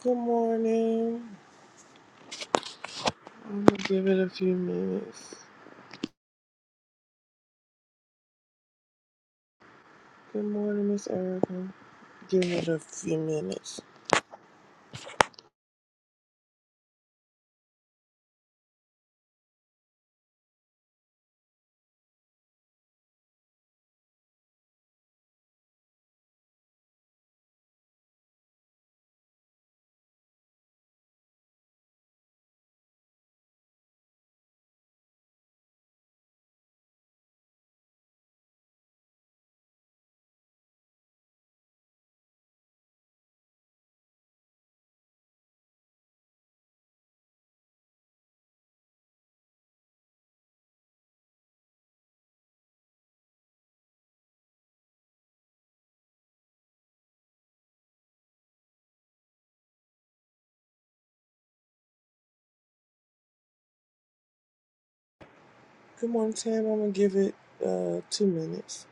Good morning. I'm gonna give it a few minutes. Good morning, Miss Erica. Give it a few minutes. Good morning, Tam. I'm gonna give it uh two minutes.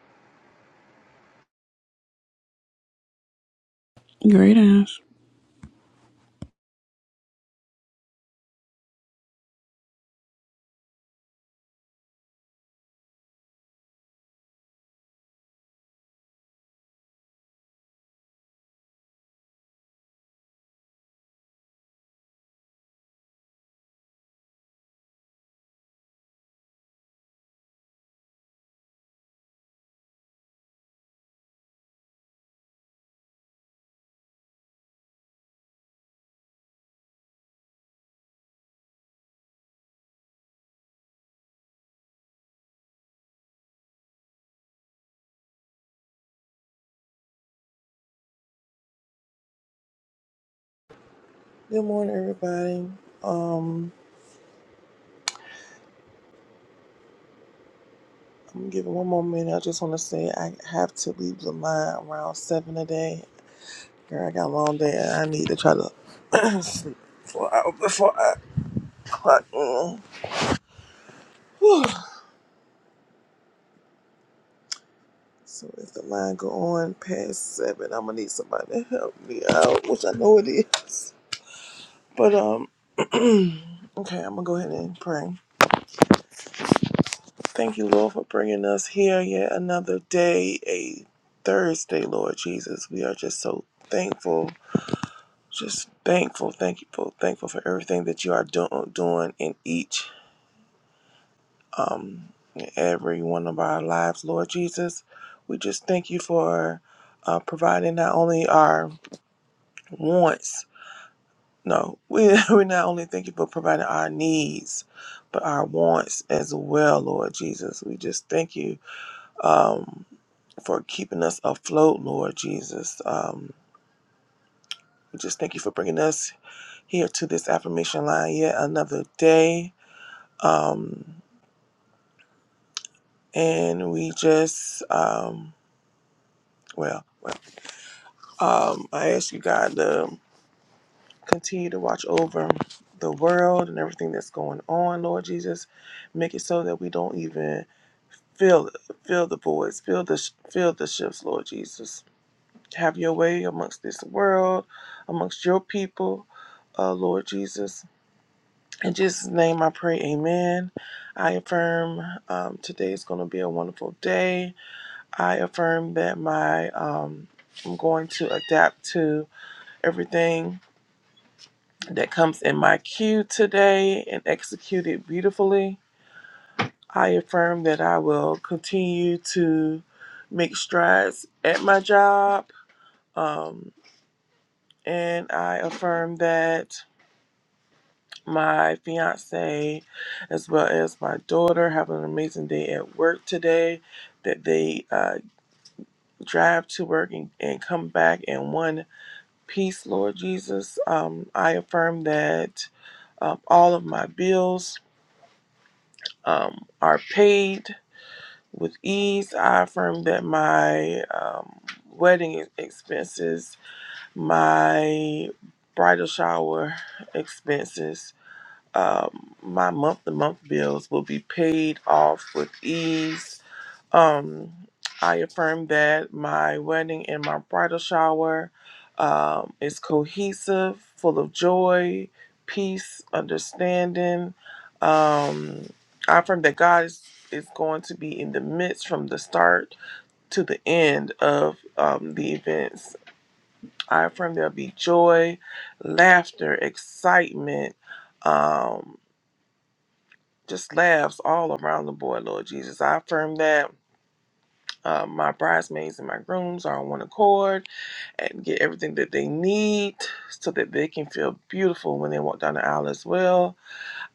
Great ass. Good morning, everybody. Um, I'm gonna give it one more minute. I just want to say I have to leave Lamont around seven today. Girl, I got a long day and I need to try to sleep for an hour before I clock in. Whew. So if the line go on past seven, I'm gonna need somebody to help me out, which I know it is. But um, okay, I'm gonna go ahead and pray. Thank you, Lord, for bringing us here yet another day, a Thursday, Lord Jesus. We are just so thankful, just thankful, thankful, thankful for everything that you are do- doing in each, um, and every one of our lives, Lord Jesus. We just thank you for uh, providing not only our wants No, we, we not only thank you for providing our needs, but our wants as well, Lord Jesus. We just thank you um, for keeping us afloat, Lord Jesus. Um, we just thank you for bringing us here to this affirmation line yet another day. Um, and we just, um, well, well um, I ask you, God, to continue to watch over the world and everything that's going on, Lord Jesus. Make it so that we don't even Fill, fill the voids, fill the, fill the shifts, Lord Jesus. Have your way amongst this world, amongst your people, uh, Lord Jesus. In Jesus' name I pray, amen. I affirm um, today is going to be a wonderful day. I affirm that my, um, I'm going to adapt to everything that comes in my queue today and execute it beautifully. I affirm that I will continue to make strides at my job. Um, and I affirm that my fiance, as well as my daughter, have an amazing day at work today. That they uh, drive to work and, and come back in one piece, Lord Jesus. Um, I affirm that um, all of my bills um, are paid With ease, I affirm that my um, wedding expenses, my bridal shower expenses, um, my month to month bills will be paid off with ease um, I affirm that my wedding and my bridal shower um, is cohesive, full of joy, peace, understanding. Um, I affirm that God is, is going to be in the midst from the start to the end of um, the events. I affirm there'll be joy, laughter, excitement, um, just laughs all around the boy, Lord Jesus. I affirm that Uh, my bridesmaids and my grooms are on one accord and get everything that they need so that they can feel beautiful when they walk down the aisle as well.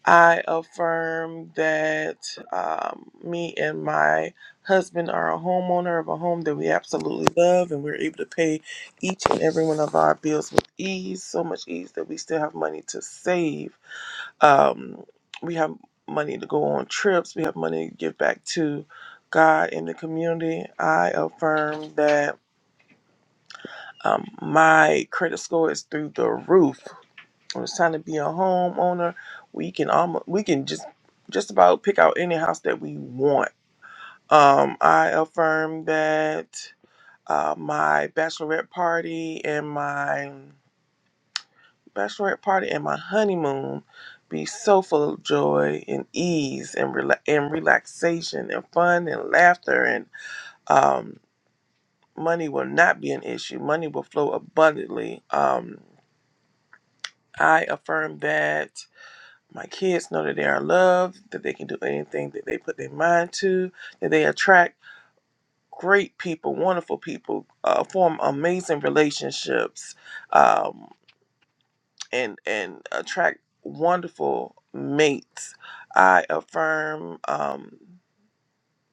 I affirm that um, me and my husband are a homeowner of a home that we absolutely love and we're able to pay each and every one of our bills with ease, so much ease that we still have money to save um, we have money to go on trips we have money to give back to god and the community i affirm that um, my credit score is through the roof when it's time to be a homeowner we can almost we can just just about pick out any house that we want um, i affirm that uh, my bachelorette party and my bachelorette party and my honeymoon be so full of joy and ease and rela- and relaxation and fun and laughter and um, money will not be an issue. Money will flow abundantly. Um, I affirm that my kids know that they are loved, that they can do anything that they put their mind to, that they attract great people, wonderful people, uh, form amazing relationships. um, and and attract wonderful mates. I affirm um,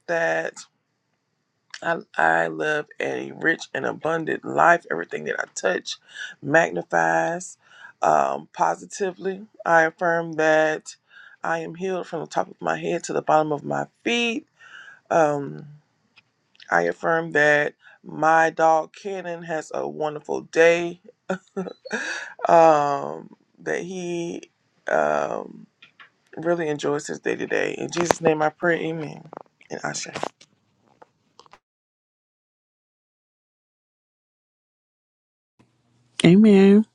that I, I live a rich and abundant life. Everything that I touch magnifies um, positively. I affirm that I am healed from the top of my head to the bottom of my feet. Um, I affirm that my dog Cannon has a wonderful day. Um, that he um, really enjoys his day today. In Jesus' name I pray, amen. And Asha. Amen.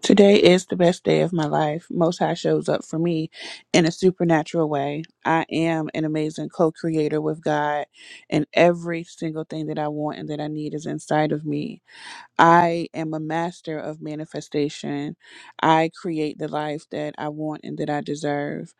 Today is the best day of my life. Most High shows up for me in a supernatural way. I am an amazing co creator with God, and every single thing that I want and that I need is inside of me. I am a master of manifestation. I create the life that I want and that I deserve.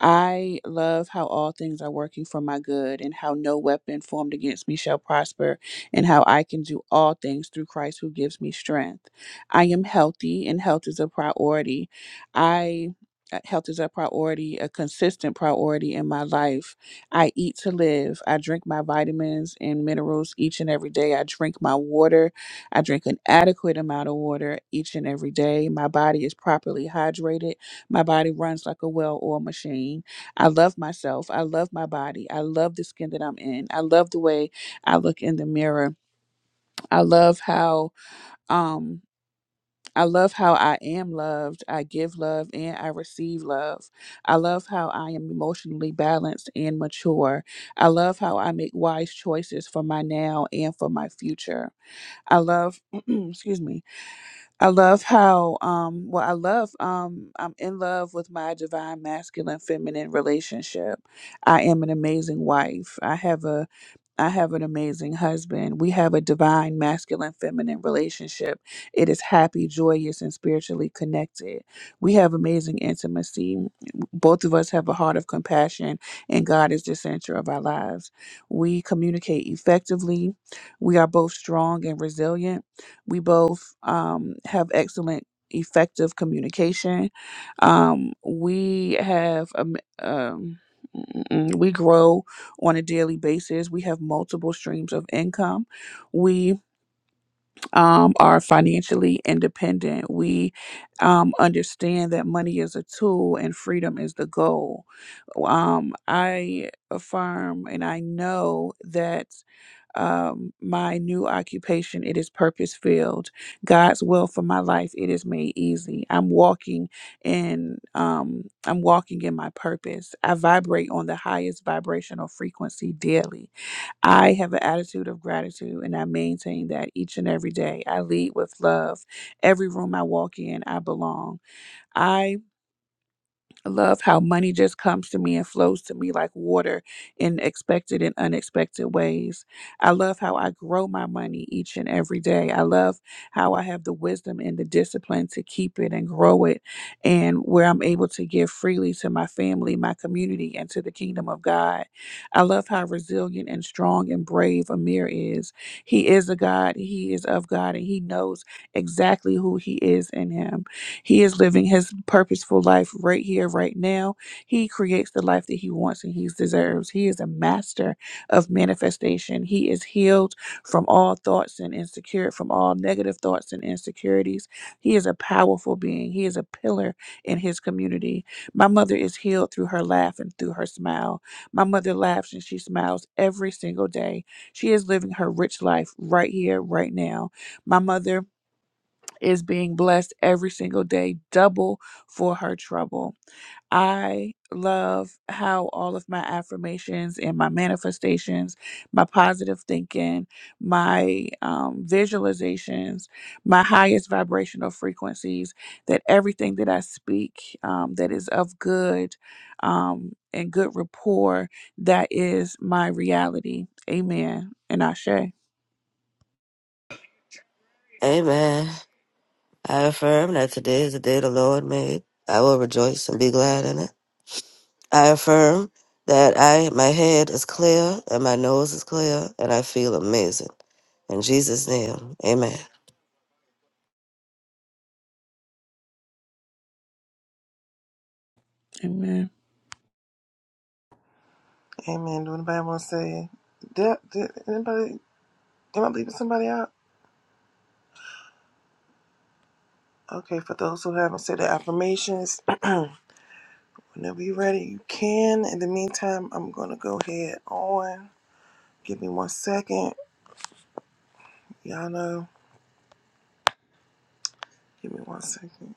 I love how all things are working for my good and how no weapon formed against me shall prosper and how I can do all things through Christ who gives me strength. I am healthy and health is a priority. I uh, Health is a priority, a consistent priority in my life. I eat to live. I drink my vitamins and minerals each and every day. I drink my water. I drink an adequate amount of water each and every day. My body is properly hydrated. My body runs like a well oiled machine. I love myself. I love my body. I love the skin that I'm in. I love the way I look in the mirror. I love how, um, I love how I am loved. I give love and I receive love. I love how I am emotionally balanced and mature. I love how I make wise choices for my now and for my future. I love, excuse me, I love how um well I love um I'm in love with my divine masculine feminine relationship. I am an amazing wife. I have a I have an amazing husband. We have a divine masculine feminine relationship. It is happy, joyous and spiritually connected. We have amazing intimacy. Both of us have a heart of compassion and God is the center of our lives. We communicate effectively. We are both strong and resilient we both um, have excellent, effective communication. Um, we have um, um, mm, we grow on a daily basis. We have multiple streams of income. We um, are financially independent. We um, understand that money is a tool and freedom is the goal. Um, I affirm and I know that um, my new occupation. It is purpose filled. God's will for my life. It is made easy. I'm walking in. Um, I'm walking in my purpose. I vibrate on the highest vibrational frequency daily. I have an attitude of gratitude and I maintain that each and every day. I lead with love. Every room I walk in, I belong. I. I love how money just comes to me and flows to me like water in expected and unexpected ways. I love how I grow my money each and every day. I love how I have the wisdom and the discipline to keep it and grow it, and where I'm able to give freely to my family, my community, and to the kingdom of God. I love how resilient and strong and brave Amir is. He is a God, he is of God, and he knows exactly who he is in him. He is living his purposeful life right here, right now. He creates the life that he wants and he deserves. He is a master of manifestation. He is healed from all thoughts and insecure, from all negative thoughts and insecurities. He is a powerful being. He is a pillar in his community. My mother is healed through her laugh and through her smile. My mother laughs and she smiles every single day. She is living her rich life right here, right now. My mother is being blessed every single day, double for her trouble. I love how all of my affirmations and my manifestations, my positive thinking, my um, visualizations, my highest vibrational frequencies, that everything that I speak um, that is of good um, and good rapport, that is my reality. Amen. And Ashe. Amen. I affirm that today is the day the Lord made. I will rejoice and be glad in it. I affirm that I my head is clear and my nose is clear and I feel amazing. In Jesus' name, amen. Amen. Amen. Do anybody want to say it? did, did anybody am I leaving somebody out? Okay, for those who haven't said the affirmations, whenever you're ready, you can. In the meantime, I'm gonna go ahead on. Give me one second. Y'all know. Give me one second.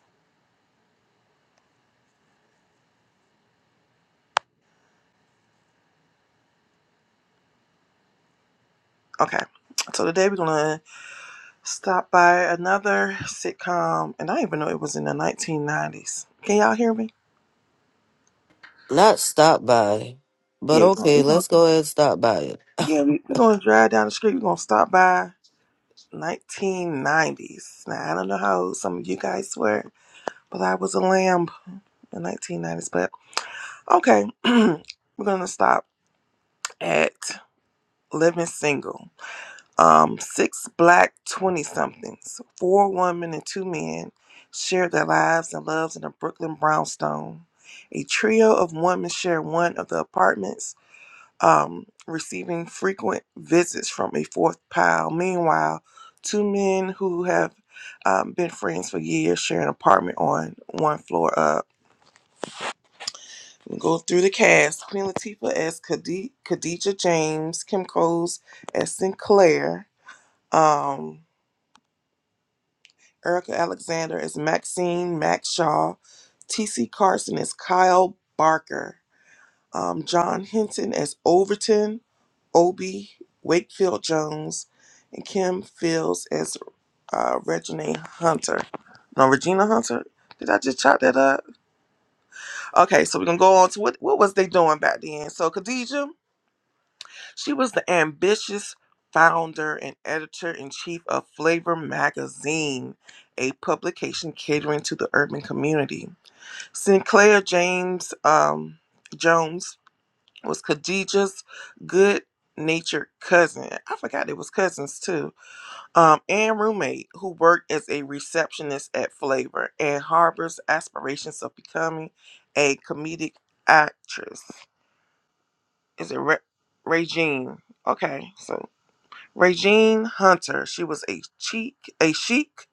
Okay. So today we're gonna stop by another sitcom, and I didn't even know it was in the 1990s. Can y'all hear me? Not stop by, but Yeah, we're okay, gonna let's go ahead and stop by it. yeah, we, we're going to drive down the street. We're going to stop by 1990s. Now, I don't know how old some of you guys were, but I was a lamb in 1990s. But okay, we're going to stop at Living Single. Um, six black 20 somethings, four women and two men shared their lives and loves in a Brooklyn brownstone. A trio of women share one of the apartments um, receiving frequent visits from a fourth pal. Meanwhile, two men who have um, been friends for years share an apartment on one floor up. We'll Go through the cast Queen Latifah as Khadi- Khadija James, Kim Coles as Sinclair, um, Erica Alexander as Maxine Max Shaw, T.C. Carson as Kyle Barker, um, John Hinton as Overton, Obi Wakefield Jones and Kim Fields as uh, Regina Hunter. No, Regina Hunter. Did I just chop that up? Okay, so we're gonna go on to what what was they doing back then? So Khadija, she was the ambitious founder and editor in chief of Flavor Magazine, a publication catering to the urban community. Sinclair James um, Jones was Khadija's good natured cousin. I forgot it was cousins too um, and roommate who worked as a receptionist at Flavor and harbors aspirations of becoming a comedic actress. Is it Re- Regine? Okay, so Regine Hunter. She was a chic, a chic,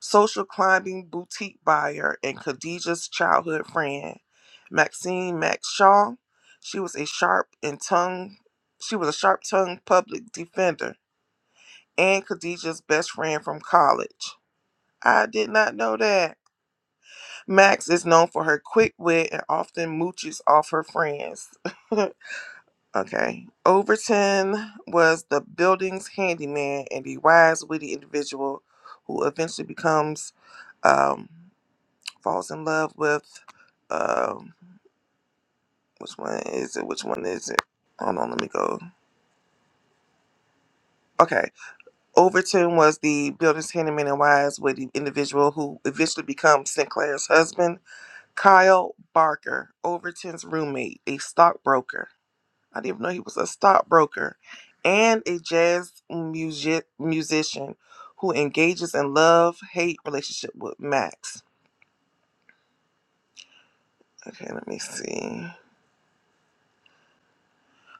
social climbing boutique buyer and Khadijah's childhood friend, Maxine Max Shaw. She was a sharp and tongue. She was a sharp-tongued public defender and Khadijah's best friend from college. I did not know that. Max is known for her quick wit and often mooches off her friends. okay. Overton was the building's handyman and the wise, witty individual who eventually becomes, um, falls in love with, um, which one is it? Which one is it? Hold on, let me go. Okay. Overton was the building's handyman and wise, witty individual who eventually becomes Sinclair's husband Kyle Barker, Overton's roommate, a stockbroker. I didn't even know he was a stockbroker and a jazz music musician who engages in love hate relationship with Max. Okay, let me see.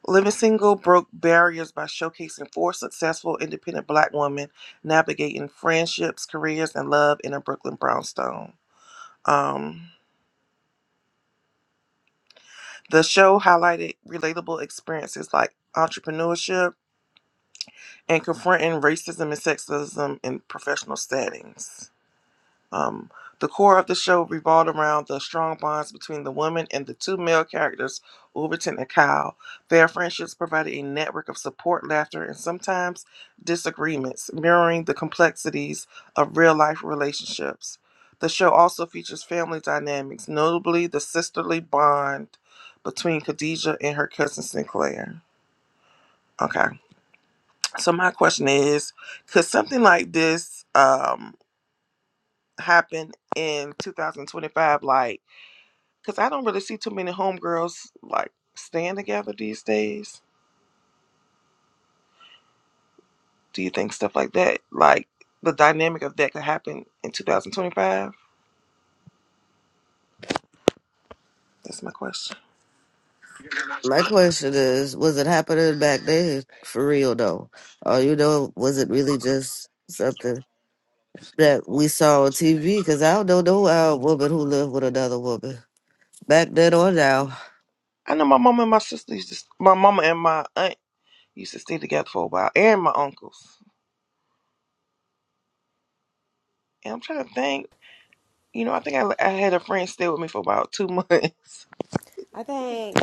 Living Single broke barriers by showcasing four successful independent black women navigating friendships, careers, and love in a Brooklyn brownstone. Um, the show highlighted relatable experiences like entrepreneurship and confronting racism and sexism in professional settings. Um, the core of the show revolved around the strong bonds between the woman and the two male characters, Overton and Kyle. Their friendships provided a network of support, laughter, and sometimes disagreements, mirroring the complexities of real life relationships. The show also features family dynamics, notably the sisterly bond between Khadijah and her cousin Sinclair. Okay. So my question is, could something like this um happen in 2025? Like, because I don't really see too many homegirls like staying together these days. Do you think stuff like that, like the dynamic of that, could happen in 2025? That's my question. My question is, was it happening back then for real though? Or you know, was it really just something that we saw on TV? Because I don't know no uh, woman who lived with another woman. Back that or down. I know my mom and my sister used to, s- my mama and my aunt used to stay together for a while, and my uncles. And I'm trying to think. You know, I think I, I had a friend stay with me for about two months. I think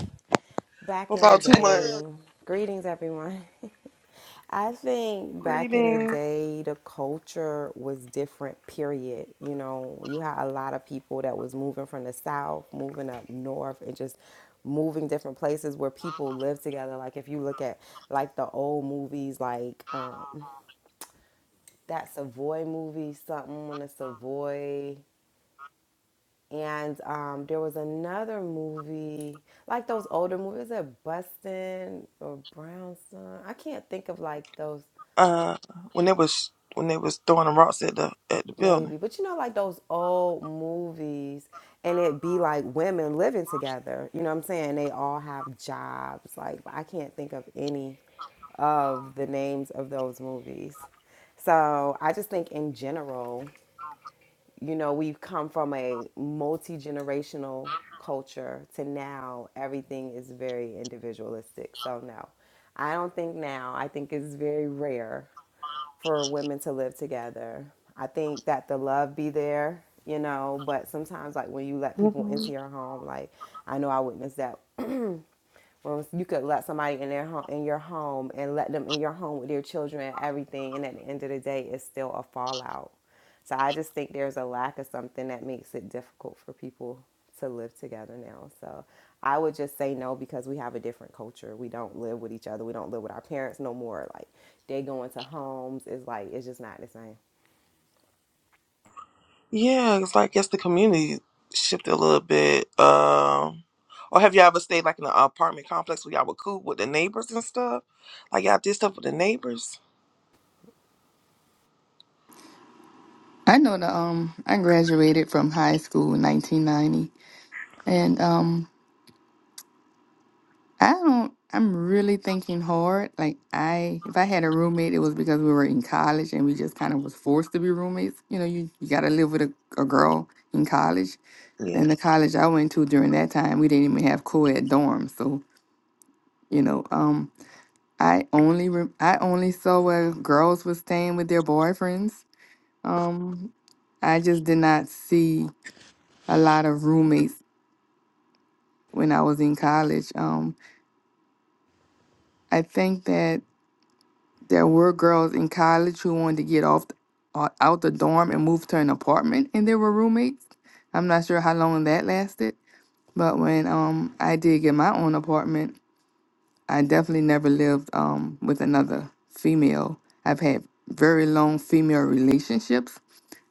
back For in the about two months. day, greetings everyone. I think back in the Greetings. day, the culture was different, period. You know, you had a lot of people that was moving from the South, moving up North, and just moving different places where people live together. Like, if you look at like the old movies, like um, that Savoy movie, something on the Savoy, And um, there was another movie, like those older movies at Bustin' or Brownstone. I can't think of like those uh when they was when they was throwing the rocks at the at the building. maybe, but you know, like those old movies, and it be like women living together. You know what I'm saying? They all have jobs. Like I can't think of any of the names of those movies. So I just think in general, you know, we've come from a multi generational culture to now everything is very individualistic. So, no, I don't think now, I think it's very rare for women to live together. I think that the love be there, you know, but sometimes, like when you let people hmm into your home, like I know I witnessed that well, you could let somebody in their home, in your home, and let them in your home with their children and everything, and at the end of the day, it's still a fallout. So I just think there's a lack of something that makes it difficult for people to live together now. So I would just say no because we have a different culture. We don't live with each other. We don't live with our parents no more. Like they go into homes. It's like it's just not the same. Yeah, it's like I guess the community shifted a little bit. Um, or have y'all ever stayed like in an apartment complex where y'all would cool with the neighbors and stuff? Like y'all did stuff with the neighbors? I know the um I graduated from high school in 1990 and um I don't I'm really thinking hard like I if I had a roommate it was because we were in college and we just kind of was forced to be roommates you know you, you got to live with a, a girl in college Yeah. and the college I went to during that time we didn't even have co-ed dorms so you know um I only re- I only saw where girls were staying with their boyfriends um I just did not see a lot of roommates when I was in college. Um, I think that there were girls in college who wanted to get off uh, out the dorm and move to an apartment, and they were roommates. I'm not sure how long that lasted, but when um I did get my own apartment, I definitely never lived um with another female. I've had very long female relationships,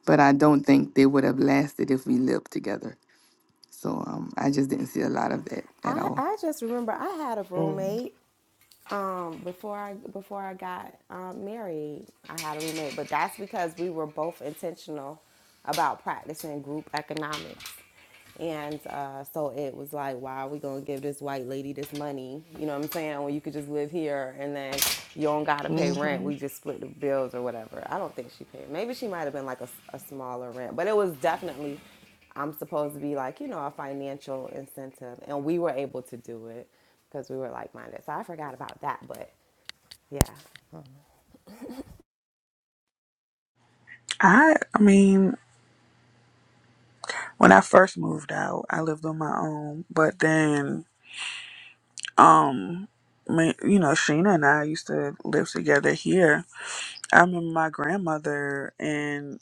but I don't think they would have lasted if we lived together. So um, I just didn't see a lot of that at I, all. I just remember I had a Mm-hmm. roommate Um, before I before I got um, married, I had a roommate, but that's because we were both intentional about practicing group economics. And uh, so it was like, why are we gonna give this white lady this money? You know what I'm saying? When well, you could just live here and then you don't gotta pay rent. We just split the bills or whatever. I don't think she paid. Maybe she might have been like a, a smaller rent, but it was definitely, I'm supposed to be like, you know, a financial incentive. And we were able to do it because we were like minded. So I forgot about that, but yeah, I I mean When I first moved out, I lived on my own, but then, um, me, you know, Sheena and I used to live together here. I remember my grandmother and,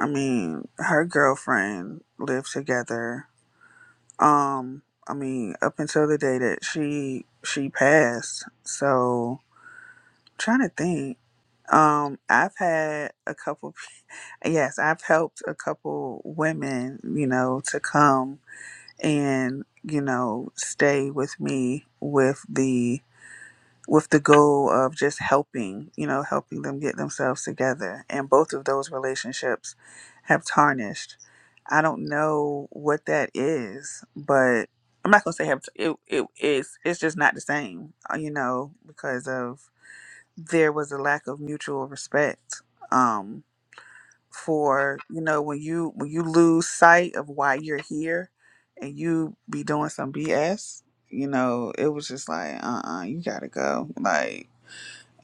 I mean, her girlfriend lived together. Um, I mean, up until the day that she she passed. So, trying to think. Um, I've had a couple. Yes, I've helped a couple women, you know, to come and you know stay with me with the with the goal of just helping you know helping them get themselves together and both of those relationships have tarnished i don't know what that is but i'm not gonna say have it, it is it's just not the same uh, you know because of there was a lack of mutual respect Um, for you know when you when you lose sight of why you're here and you be doing some bs you know it was just like uh-uh you gotta go like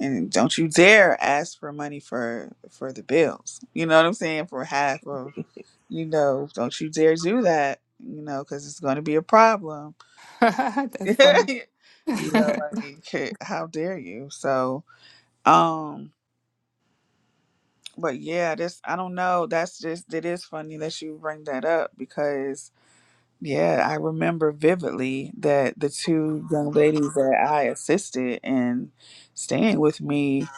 and don't you dare ask for money for for the bills you know what i'm saying for half of you know don't you dare do that you know because it's going to be a problem That's funny. you Yeah. know like how dare you so um, But yeah, this I don't know. That's just it is funny that you bring that up because yeah, I remember vividly that the two young ladies that I assisted in staying with me,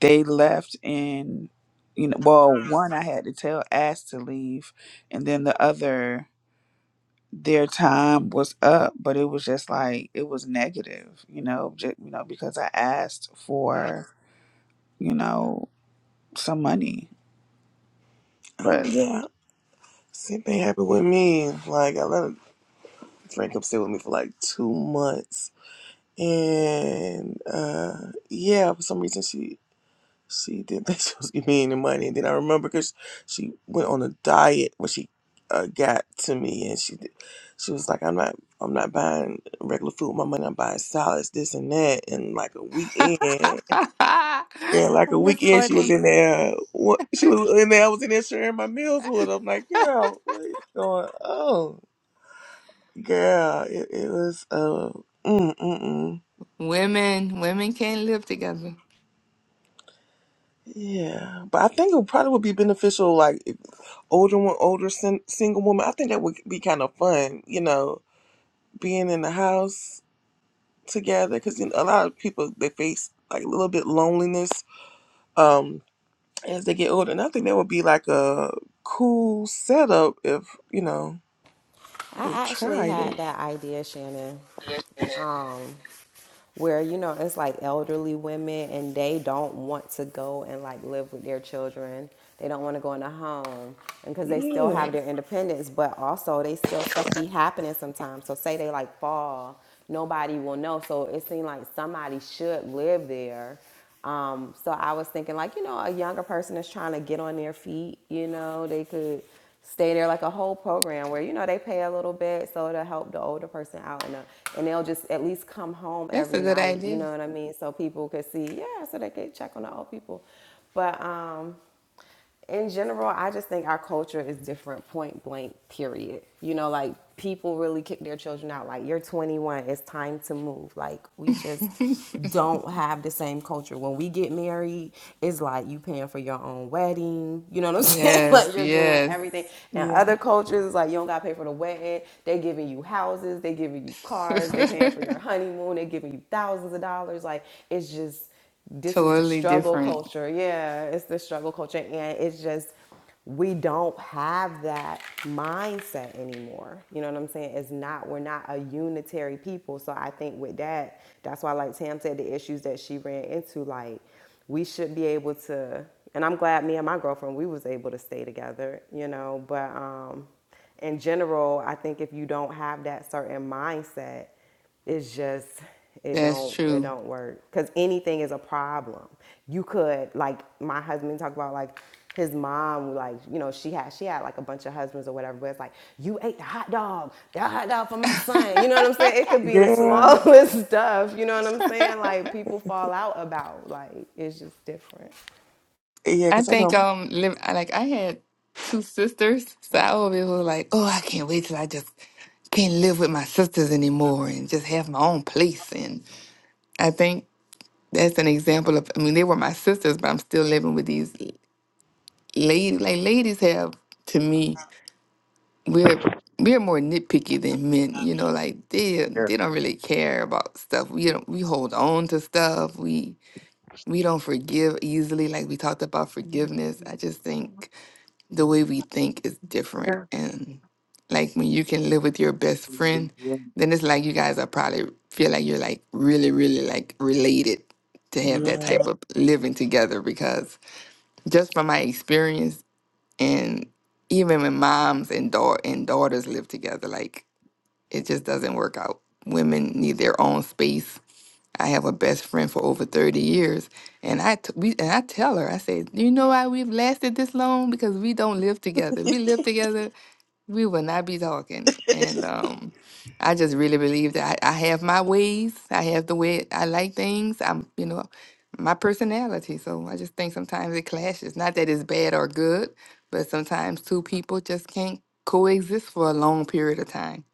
they left and you know, well, one I had to tell asked to leave, and then the other their time was up, but it was just like it was negative, you know, just, you know because I asked for you know some money, Um, but. yeah, same thing happened with me. Like, I let a friend come stay with me for like two months, and uh, yeah, for some reason she she didn't think she was giving me any money. And then I remember because she went on a diet when she uh, got to me, and she did- she was like, "I'm not I'm not buying regular food with my money. I'm buying salads, this and that." And like a weekend. Yeah, like a That's weekend she was funny. in there. What she was in there, I was in there sharing my meals with. her. I'm like, girl, what is going on? Girl, it, it was uh, mm mm mm. Women, women can't live together. Yeah, but I think it probably would be beneficial, like if older one, older sin- single woman. I think that would be kind of fun, you know, being in the house together because you know, a lot of people they face like a little bit loneliness um as they get older, and I think that would be like a cool setup if you know. They I actually tried it. had that idea, Shannon. Um, where you know it's like elderly women and they don't want to go and like live with their children they don't want to go in a home and because they still Yeah. have their independence but also they still stuff be happening sometimes so say they like fall nobody will know so it seemed like somebody should live there um, so i was thinking like you know a younger person is trying to get on their feet you know they could stay there like a whole program where you know they pay a little bit so to help the older person out and, uh, and they'll just at least come home That's every a good night you idea. know what i mean so people could see yeah so they could check on the old people but um in general, I just think our culture is different, point blank, period. You know, like people really kick their children out. Like, you're 21, it's time to move. Like, we just don't have the same culture. When we get married, it's like you paying for your own wedding. You know what I'm saying? yes, like, you're doing yes. everything. And Yeah. other cultures, it's like you don't got to pay for the wedding. They giving you houses, they giving you cars, they paying for your honeymoon, they giving you thousands of dollars. Like, it's just, this is the totally struggle different. culture. Yeah, it's the struggle culture. And it's just, we don't have that mindset anymore. You know what I'm saying? It's not, we're not a unitary people. So I think with that, that's why, like Tam said, the issues that she ran into, like, we should be able to, and I'm glad me and my girlfriend, we was able to stay together, you know, but, um, in general, I think if you don't have that certain mindset, it's just it That's don't it true. don't work because anything is a problem you could like my husband talk about like his mom like you know she had she had like a bunch of husbands or whatever but it's like you ate the hot dog the hot dog for my son you know what i'm saying it could I be the Girl. smallest stuff you know what i'm saying like people fall out about like it's just different Yeah, because I think don't. um, live, like I had two sisters, so I always was like, oh, I can't wait till I just can't live with my sisters anymore and just have my own place. And I think that's an example of i mean they were my sisters but i'm still living with these ladies like ladies have to me we're we're more nitpicky than men you know like they Yeah. they don't really care about stuff we don't we hold on to stuff we we don't forgive easily like we talked about forgiveness i just think the way we think is Here. different. And like when you can live with your best friend, then it's like you guys are probably feel like you're like really, really like related to have that Yeah. type of living together because just from my experience and even when moms and daugh- and daughters live together, like it just doesn't work out. Women need their own space I have a best friend for over 30 years, and I t- we and I tell her, I say, you know why we've lasted this long? Because we don't live together. If We live together, we will not be talking. And um, I just really believe that I, I have my ways. I have the way I like things. I'm, you know, my personality. So I just think sometimes it clashes. Not that it's bad or good, but sometimes two people just can't coexist for a long period of time.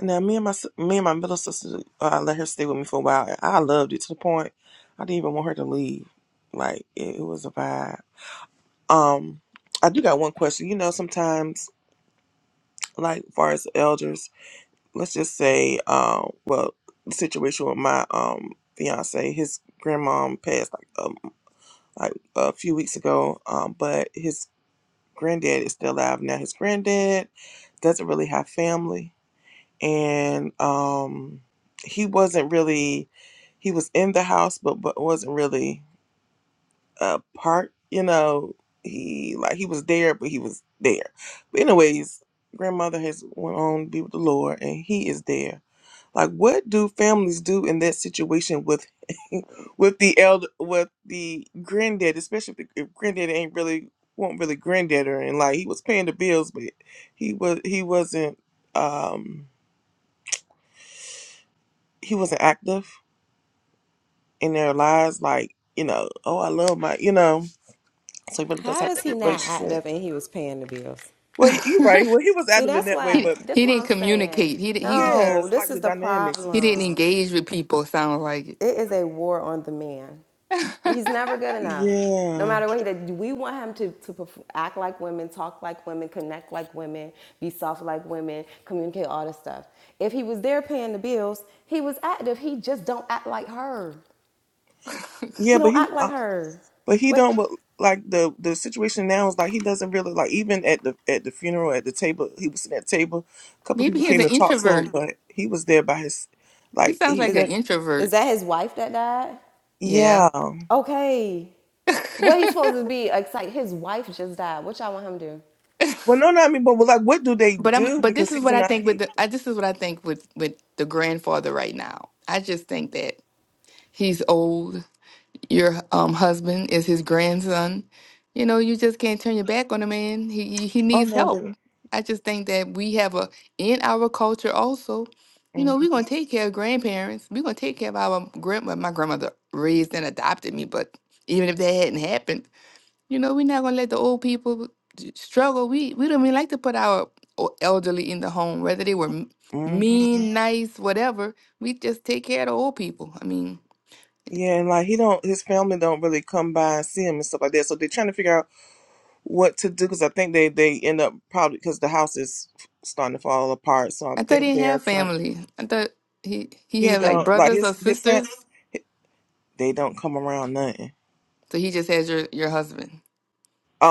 Now me and my sis- me and my middle sister, uh, I let her stay with me for a while. and I loved it to the point I didn't even want her to leave. Like it, it was a vibe. Um, I do got one question. You know, sometimes like far as elders, let's just say, um, well, the situation with my um fiance, his grandmom passed like um like a few weeks ago. Um, but his granddad is still alive now. His granddad doesn't really have family, and um, he wasn't really he was in the house, but but wasn't really a part. You know, he like he was there, but he was there. But anyways, grandmother has went on to be with the Lord, and he is there like, what do families do in that situation with with the elder with the granddad, especially if, the, if granddad ain't really won't really granddad or and like he was paying the bills, but he was he wasn't um he wasn't active in their lives. Like you know, oh I love my you know, so he really does How have was he that not relationship. active and he was paying the bills Well, you- you're right. Well, he was see active in that's that way, why he, but that's he why didn't i'm saying communicate. He di- he he yeah, no it's this like the is the dynamics. He It's, didn't it's problem engage with people, sounds like It is a war on the man. it. He's never good enough. No yeah, matter what he did, we want him to, to perf- act like women, talk like women, connect like women, be soft like women, communicate all this stuff. If he was there paying the bills, he was active. He just don't act like her. yeah, He but don't he. act like uh, her. But he don't What but like the the situation now is like he doesn't really like even at the at the funeral at the table he was sitting at the table a couple Maybe people he's came an and talked to him introvert. but he was there by his He like sounds he like is an does is introvert. that his wife that died? Yeah. yeah well Okay. What he's supposed to be? like, It's like his wife just died. What y'all want him to do? no not I mean but well, like what do they but I'm do but this because is he's what I not think with he the I, this is what I think with with the grandfather right now. I just think that he's old your um, husband is his grandson. You know, you just can't turn your back on a man. He he he oh needs no help. they I just think that we have a in our culture also. You hmm know, we're gonna take care of grandparents. We're gonna take care of our grandma. My grandmother raised and adopted me, but even if that hadn't happened, you know, we're not gonna let the old people d- struggle. We we don't even like to put our o- elderly in the home, whether they were m- hmm mean, nice, whatever. We just take care of the old people. I mean, yeah and like he don't his family don't really come by and see him and stuff like that so they're trying to figure out what to do because I think they they end up probably because the house is starting to fall apart so I I thought he think didn't they are have trying family. I thought he he He had like don't like brothers or his his fam- sisters. they don't come around nothing. So he just has your your husband,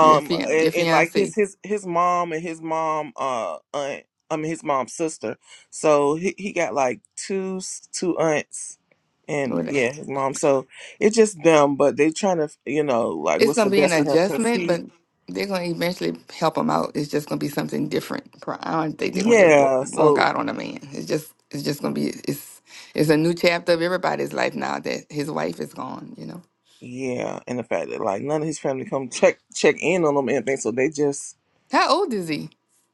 your fian and, your and like his fiance. his his mom and his mom uh aunt, I mean his mom's sister. So he he got like two s- two aunts, and or yeah, that. his mom. So it's just them, but they trying to you know like It's what's the gonna be an best for him because adjustment, but he they're gonna eventually help him out. It's just gonna be something different. Pro- I don't think they're gonna just walk, yeah. walk So out on a man. It's just it's just gonna be it's it's a new chapter of everybody's life now that his wife is gone. You know, yeah, and the fact that like none of his family come check check in on him and anything. So they just how old is he?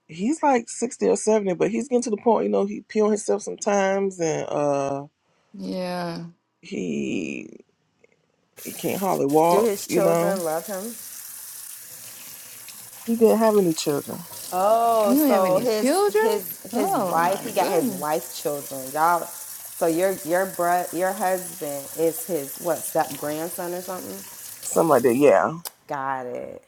he's like 60 or 70 but he's getting to the point you know he pee on himself sometimes and uh Yeah, he he can't hardly Do walk his you know children love him? he didn't have any children Oh, we don't have so any his children. his his Oh wife, my he got his goodness. wife's children. Y'all so your your bro, your husband is his what step grandson or something? something like that yeah Got it.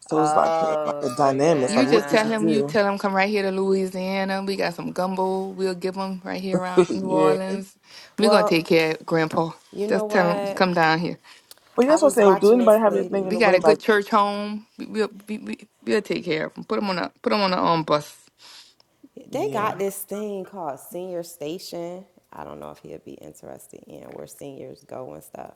so it's like like Oh, the so dynamics like You just what do tell yeah. you him, you do tell him, come right here to Louisiana. We got some gumbo. We'll give him right here around New yeah Orleans. We're gonna Well, take care of Grandpa. you know Just tell him, what? come down here. but I that's what i'm was saying do watching this anybody have anything in We lady. the got way a like good church home. We, we'll we, we, we'll take care of him. Put him on a put him on a um bus. They yeah got this thing called Senior Station. I don't know if he'd be interested in where seniors go and stuff.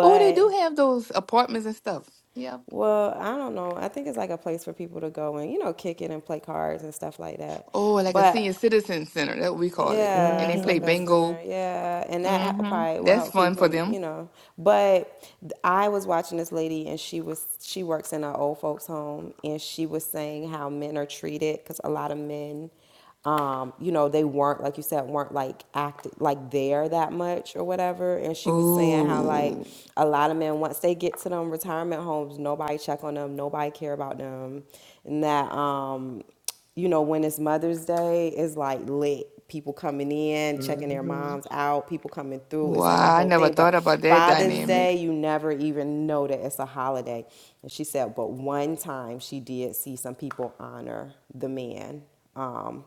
Oh, they do have those apartments and stuff. Yep. Well, I don't know. I think it's like a place for people to go and, you know, kick it and play cards and stuff like that. Oh, like a But senior citizen center. That's what we call it. And yeah, they it's play like mm-hmm. a bingo. center. Yeah, and that hel- Mm-hmm. probably will That's help keep fun for him, you them. know. But th- I was watching this lady, and she was she works in an old folks home, and she was saying how men are treated because a lot of men, um, you know, they weren't like you said, weren't like active, like there that much or whatever. And she was saying how like Ooh. a lot of men once they get to them retirement homes, nobody check on them, nobody care about them, and that um you know, when it's Mother's Day, it's like lit. People coming in, checking their Mm-hmm. moms out, people coming through. It's like a Wow. I whole never thing. thought But about that Father's dynamic. Day, you never even know that it's a holiday. And she said, but one time she did see some people honor the man. Um,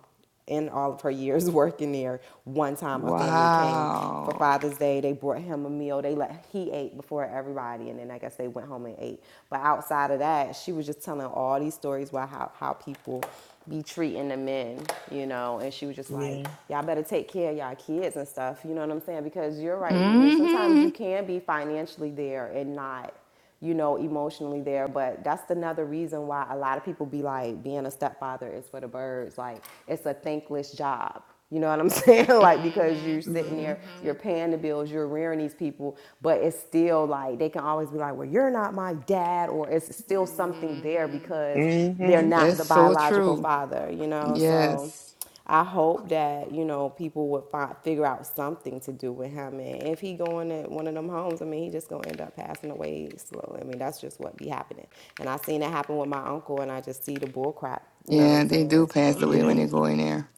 in all of her years working there, one time a family came for Wow. Father's Day. They brought him a meal. They let he ate before everybody, and then I guess they went home and ate. But outside of that, she was just telling all these stories about how how people be treating the men, you know. And she was just yeah like, "Y'all better take care of y'all kids and stuff." You know what I'm saying? Because you're right. I mean, sometimes Mm-hmm. you can be financially there and not you know, emotionally there. But that's another reason why a lot of people be like, being a stepfather is for the birds. Like, it's a thankless job. You know what I'm saying? like, because you're Mm-hmm. sitting yeah there, Mm-hmm. you're paying the bills, you're rearing these people, but it's still like, they can always be like, well, you're not my dad, or it's still something there hmm because they're mm-hmm. not That's the so biological true. father, you know? So. Yes. I hope that you know people would find, figure out something to do with him, and if he going to one of them homes, I mean, he just gonna end up passing away slowly. I mean, that's just what be happening, and I seen it happen with my uncle, and I just see the bull crap. You know what I'm Yeah, they do saying? pass So, away yeah when they go in there.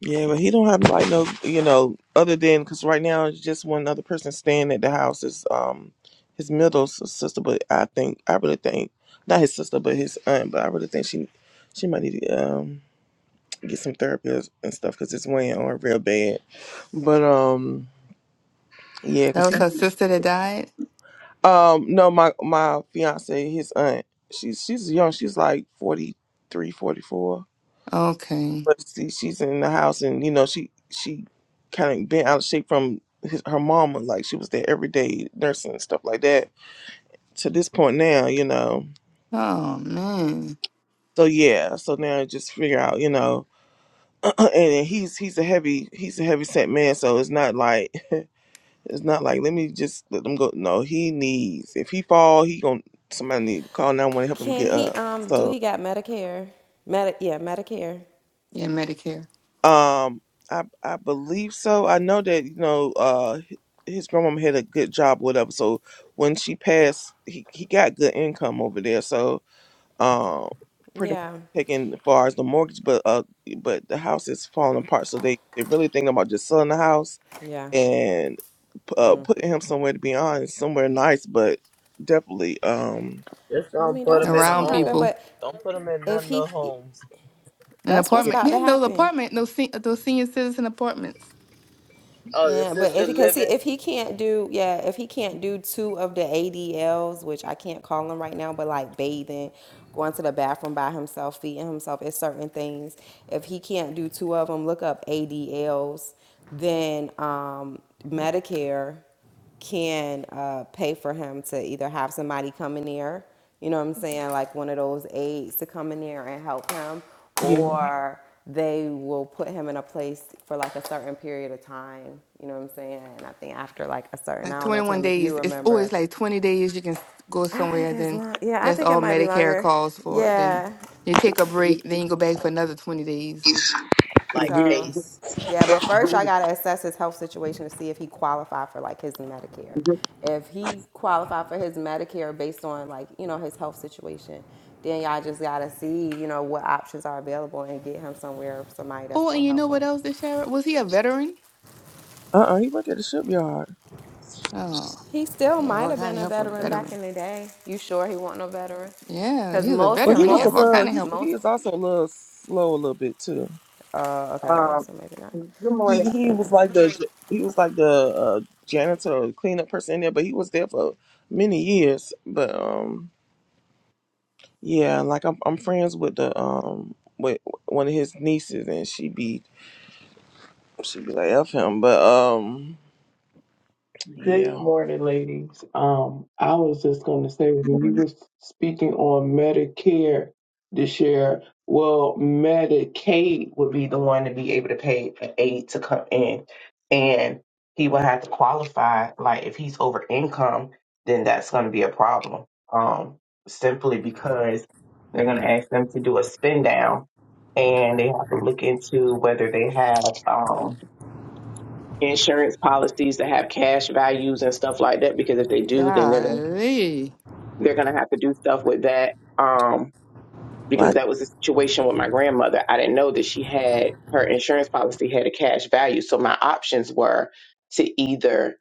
Yeah, but he don't have like no, you know, other than because right now it's just one other person staying at the house is um his middle s- sister, but I think I really think not his sister, but his aunt, but I really think she she might need to um get some therapy and and stuff because it's weighing on her real bad. But um yeah, That because he was her sister that died? um no my my fiance his aunt she's she's young she's like forty three, forty four. Okay. but see, she's in the house, and you know, she she kind of been out of shape from his, her mama. Like she was there every day nursing and stuff like that. To this point now, you know. Oh man. So yeah, so now just figure out, you know, and, then he's he's a heavy he's a heavy set man, so it's not like it's not like let me just let them go. No, he needs if he fall, he gonna somebody need to call nine one one to help him get can he? up. Um, do So, he got Medicare? Medi- yeah, Medicare. Yeah, Medicare. Um, I I believe so. I know that you know, uh, h- his grandmama had a good job, whatever. So when she passed, he he got good income over there. So um, pretty much Yeah, taking as far as the mortgage, but uh, but the house is falling apart. So they they really thinking about just selling the house yeah. and p- uh putting him somewhere to be honest, somewhere nice, but definitely um. Just I don't mean, put that's them what's in a Around gonna happen, home. people. but Don't put them in if none of he the homes. An that's what's Yeah. apartment. about They to have those happen apartment, those se- those senior citizen apartments. Oh, the Man, but sister if he, because see living if he can't do yeah if he can't do two of the ADLs which I can't call them right now but like bathing, going to the bathroom by himself, feeding himself, it's certain things. If he can't do two of them, look up ADLs. Then um, Medicare can uh, pay for him to either have somebody come in there, you know what I'm saying, like one of those aides to come in there and help him, Yeah. or they will put him in a place for like a certain period of time, you know what I'm saying? And I think after like a certain, I Like don't twenty know, one Tam, if you days. It's always remember, like twenty days you can go I think somewhere, it's then long. Yeah, I that's think it all might be Medicare longer. calls for. Then Yeah, you take a break, then you go back for another twenty days. like So, Pace. yeah, but first I gotta assess his health situation to see if he qualified for like his Medicare. If he qualified for his Medicare based on like you know his health situation, then y'all just gotta see you know what options are available and get him somewhere somebody that's Oh, and gonna you help know him. what else, Shara? Was he a veteran? Uh uh he worked at the shipyard. Oh, He still they have might all have kind been of a help for a veteran back veteran. in the day. You sure he wasn't a veteran? Yeah, Cause he was a most Well he veteran. They was a have most all little kind of he help. he most. is also a little slow a little bit too. Uh, okay, Uh, so maybe not. Good morning. He, he was like the he was like the uh, janitor or cleanup person in there, but he was there for many years. But um, yeah, like I'm I'm friends with the um with one of his nieces, and she be she be like f him, but um Good yeah, morning, ladies. Um, I was just going to say when you well, was speaking on Medicare this year, well, Medicaid would be the one to be able to pay an aide to come in, and he would have to qualify. Like if he's over income, then that's going to be a problem. Um, simply because they're going to ask them to do a spin down, and they have to look into whether they have um insurance policies that have cash values and stuff like that because if they do then they're going Golly, they're going to have to do stuff with that um because I, that was the situation with my grandmother i didn't know that she had her insurance policy had a cash value so my options were to either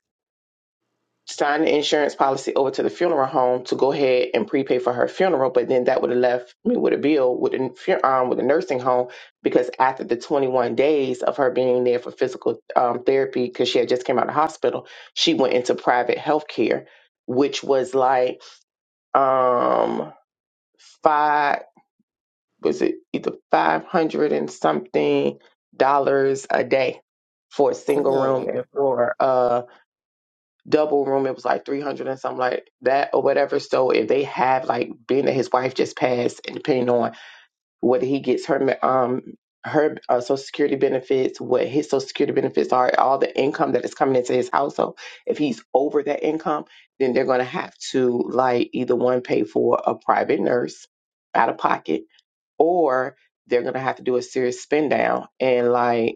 sign the insurance policy over to the funeral home to go ahead and prepay for her funeral, but then that would have left me with a bill with the fu- um, with a nursing home because after the 21 days of her being there for physical um, therapy because she had just came out of the hospital, she went into private health care, which was like um five was it either 500 and something dollars a day for a single room and cool. for uh double room. It was like 300 and something like that or whatever. So if they have like being that his wife just passed and depending on whether he gets her, um, her uh, social security benefits, what his social security benefits are, all the income that is coming into his household. If he's over that income, then they're going to have to like either one pay for a private nurse out of pocket or they're going to have to do a serious spend down and like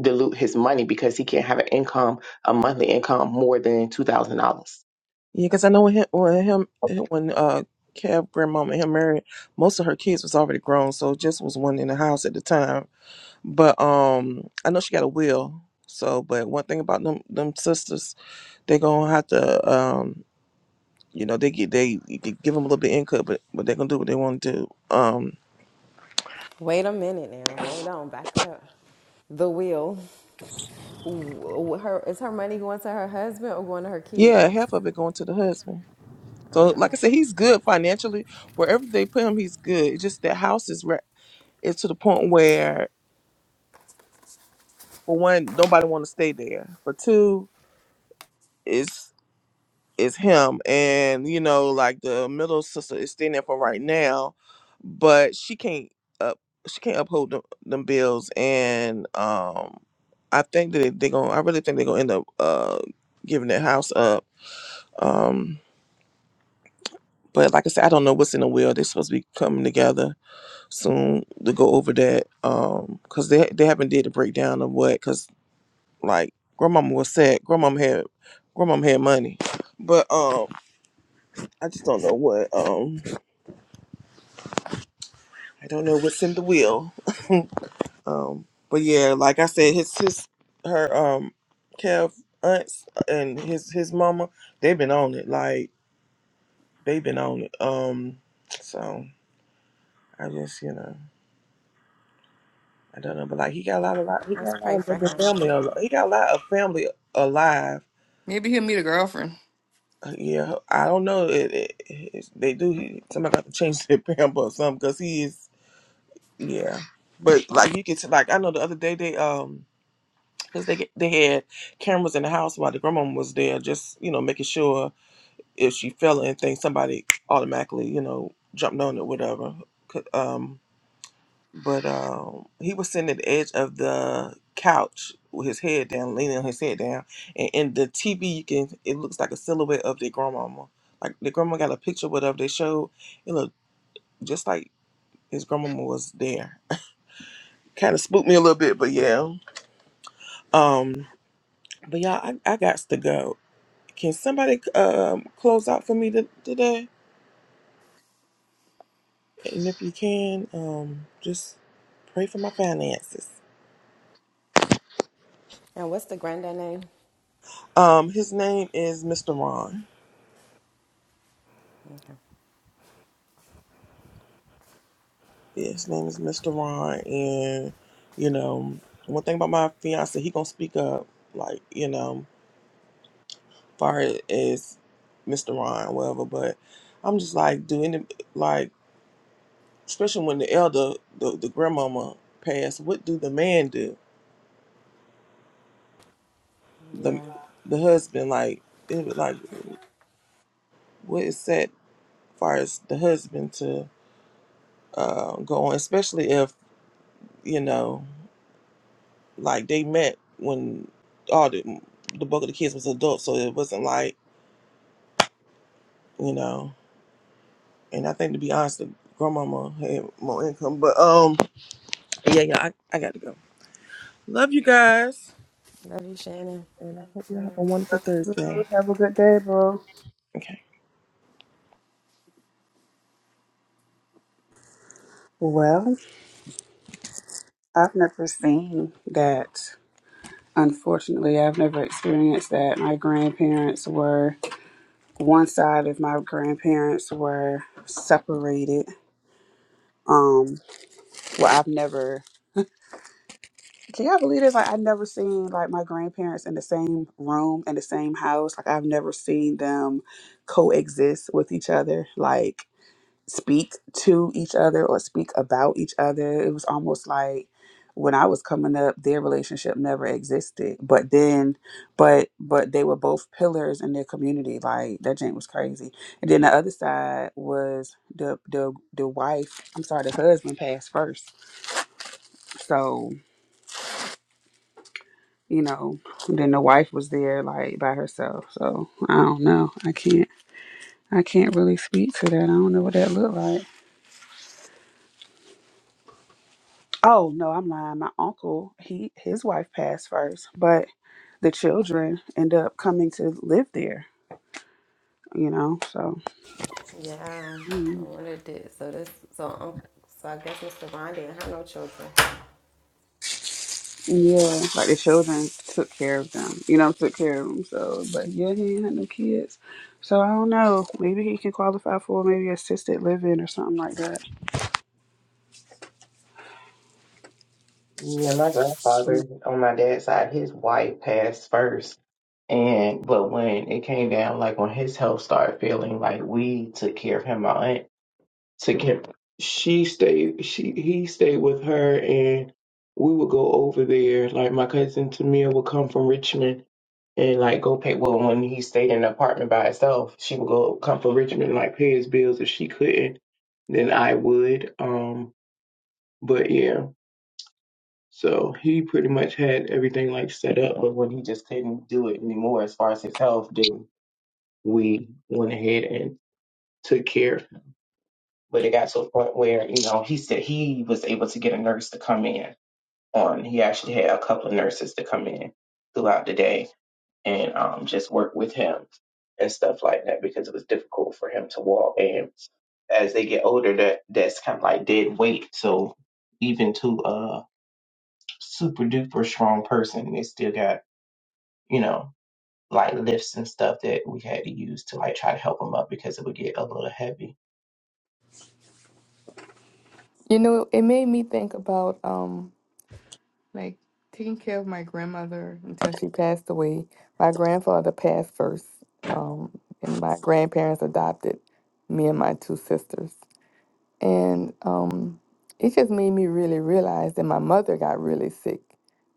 dilute his money because he can't have an income, a monthly income more than two thousand dollars. yeah, because I know when him when him when uh Kev grandmama and him married, most of her kids was already grown, so just was one in the house at the time. But um, I know she got a will. So, but one thing about them them sisters. they're gonna have to um you know they get they you could give them a little bit of income but but they're gonna do what they want to do um Wait a minute now. Hold on. Back up. The wheel. Her is her money going to her husband or going to her yeah kids? half of it going to the husband so like i said he's good financially wherever they put him he's good it's just that house is re- it's to the point where for one nobody want to stay there for two it's. is him and you know like the middle sister is standing for right now but she can't up she can't uphold them, them bills and um i think that they're gonna i really think they're gonna end up uh giving that house up um but like i said i don't know what's in the will they're supposed to be coming together soon to go over that um because they, they haven't did a breakdown of what because like grandmama was sad grandmama had grandmama had money but um i just don't know what um I don't know what's in the wheel. Um, but yeah, like I said, his his her um, Kev aunts and his his mama, they've been on it. Like they've been on it. Um, so I just you know I don't know, but like he got a lot of lot, he Let's got a pray lot of for living him. family. al- He got a lot of family alive. Maybe he'll meet a girlfriend. Uh, Yeah, I don't know. It, it, it's- they do. He, somebody got to change their pamper or something because he is. Yeah, but like you get to like I know the other day they um because they get- they had cameras in the house while the grandmama was there, just you know making sure if she fell or anything, somebody automatically you know jumped on it, whatever. Could- Um, but um, he was sitting at the edge of the couch with his head down, leaning his head down, and in the TV you can it looks like a silhouette of their grandmama. Like the grandma got a picture, whatever they showed, it looked just like his grandmama was there. Kind of spooked me a little bit, but yeah. Um, but yeah, I, I got to go. Can somebody um, close out for me t- today? And if you can, um, just pray for my finances. And what's the granddad name? Um, his name is Mr. Ron. Okay. Yeah, his name is Mr. Ron, and you know, one thing about my fiance, he gonna speak up, like you know, far as Mr. Ron, whatever. But I'm just like, do any like, especially when the elder, the, the grandmama passed, what do the man do? The Yeah. the husband, like, it, was like, what is that? far as the husband to uh, go on, especially if you know, like they met when all the the bulk of the kids was adults, so it wasn't like you know. And I think to be honest, the grandmama had more income, but um, yeah, yeah, I, I got to go. Love you guys, Love you, Shannon. and I hope you have a wonderful Thursday. Have a good day, bro. Okay. Well, I've never seen that. Unfortunately, I've never experienced that. My grandparents were one side of my grandparents were separated. Um, well, I've never. Can y'all believe this? Like, I've never seen like my grandparents in the same room in the same house. Like, I've never seen them coexist with each other. Like. speak to each other or speak about each other. It was almost like when I was coming up, their relationship never existed. But then, but but they were both pillars in their community. Like that Jane was crazy. And then the other side was the the the wife. I'm sorry, the husband passed first. So you know, then the wife was there like by herself. So I don't know. I can't. I can't really speak to that. I don't know what that looked like. Oh no, I'm lying. My uncle, he his wife passed first, but the children end up coming to live there. You know, so Yeah. I mm, wonder it did. So this, so um, so I guess Mr. Ron didn't have no children. yeah, like the children took care of them. You know, took care of them. So, but yeah, he ain't had no kids. So I don't know. Maybe he can qualify for maybe assisted living or something like that. Yeah, my grandfather on my dad's side, his wife passed first. And but when it came down, like when his health started failing, like we took care of him, my aunt took care. She stayed, she he stayed with her, and we would go over there. Like my cousin Tamia would come from Richmond and like go pay. Well, when he stayed in an apartment by himself, she would go come for Richmond and like pay his bills. If she couldn't, then I would. Um, but yeah, so he pretty much had everything like set up. But when he just couldn't do it anymore, as far as his health, then we went ahead and took care. But it got to a point where you know he said he was able to get a nurse to come in. On he actually had a couple of nurses to come in throughout the day and um, just work with him and stuff like that because it was difficult for him to walk. And as they get older, that that's kind of like dead weight. So even to a super duper strong person, they still got you know like lifts and stuff that we had to use to like try to help them up because it would get a little heavy. You know, it made me think about um, like taking care of my grandmother until she passed away. My grandfather passed first, um, and my grandparents adopted me and my two sisters. And um, it just made me really realize that my mother got really sick.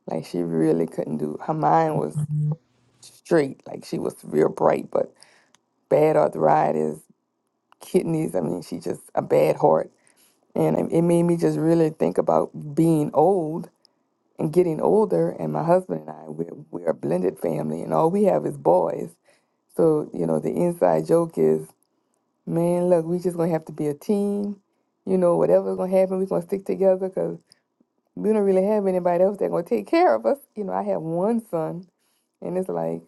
Like she really couldn't do, her mind was straight. Like she was real bright, but bad arthritis, kidneys. I mean, she just a bad heart. And it it made me just really think about being old and getting older. And my husband and I, we're, we're a blended family and all we have is boys. So, you know, the inside joke is, man, look, we just gonna have to be a team. You know, whatever's gonna happen, we're gonna stick together 'cause we don't really have anybody else that gonna take care of us. You know, I have one son, and it's like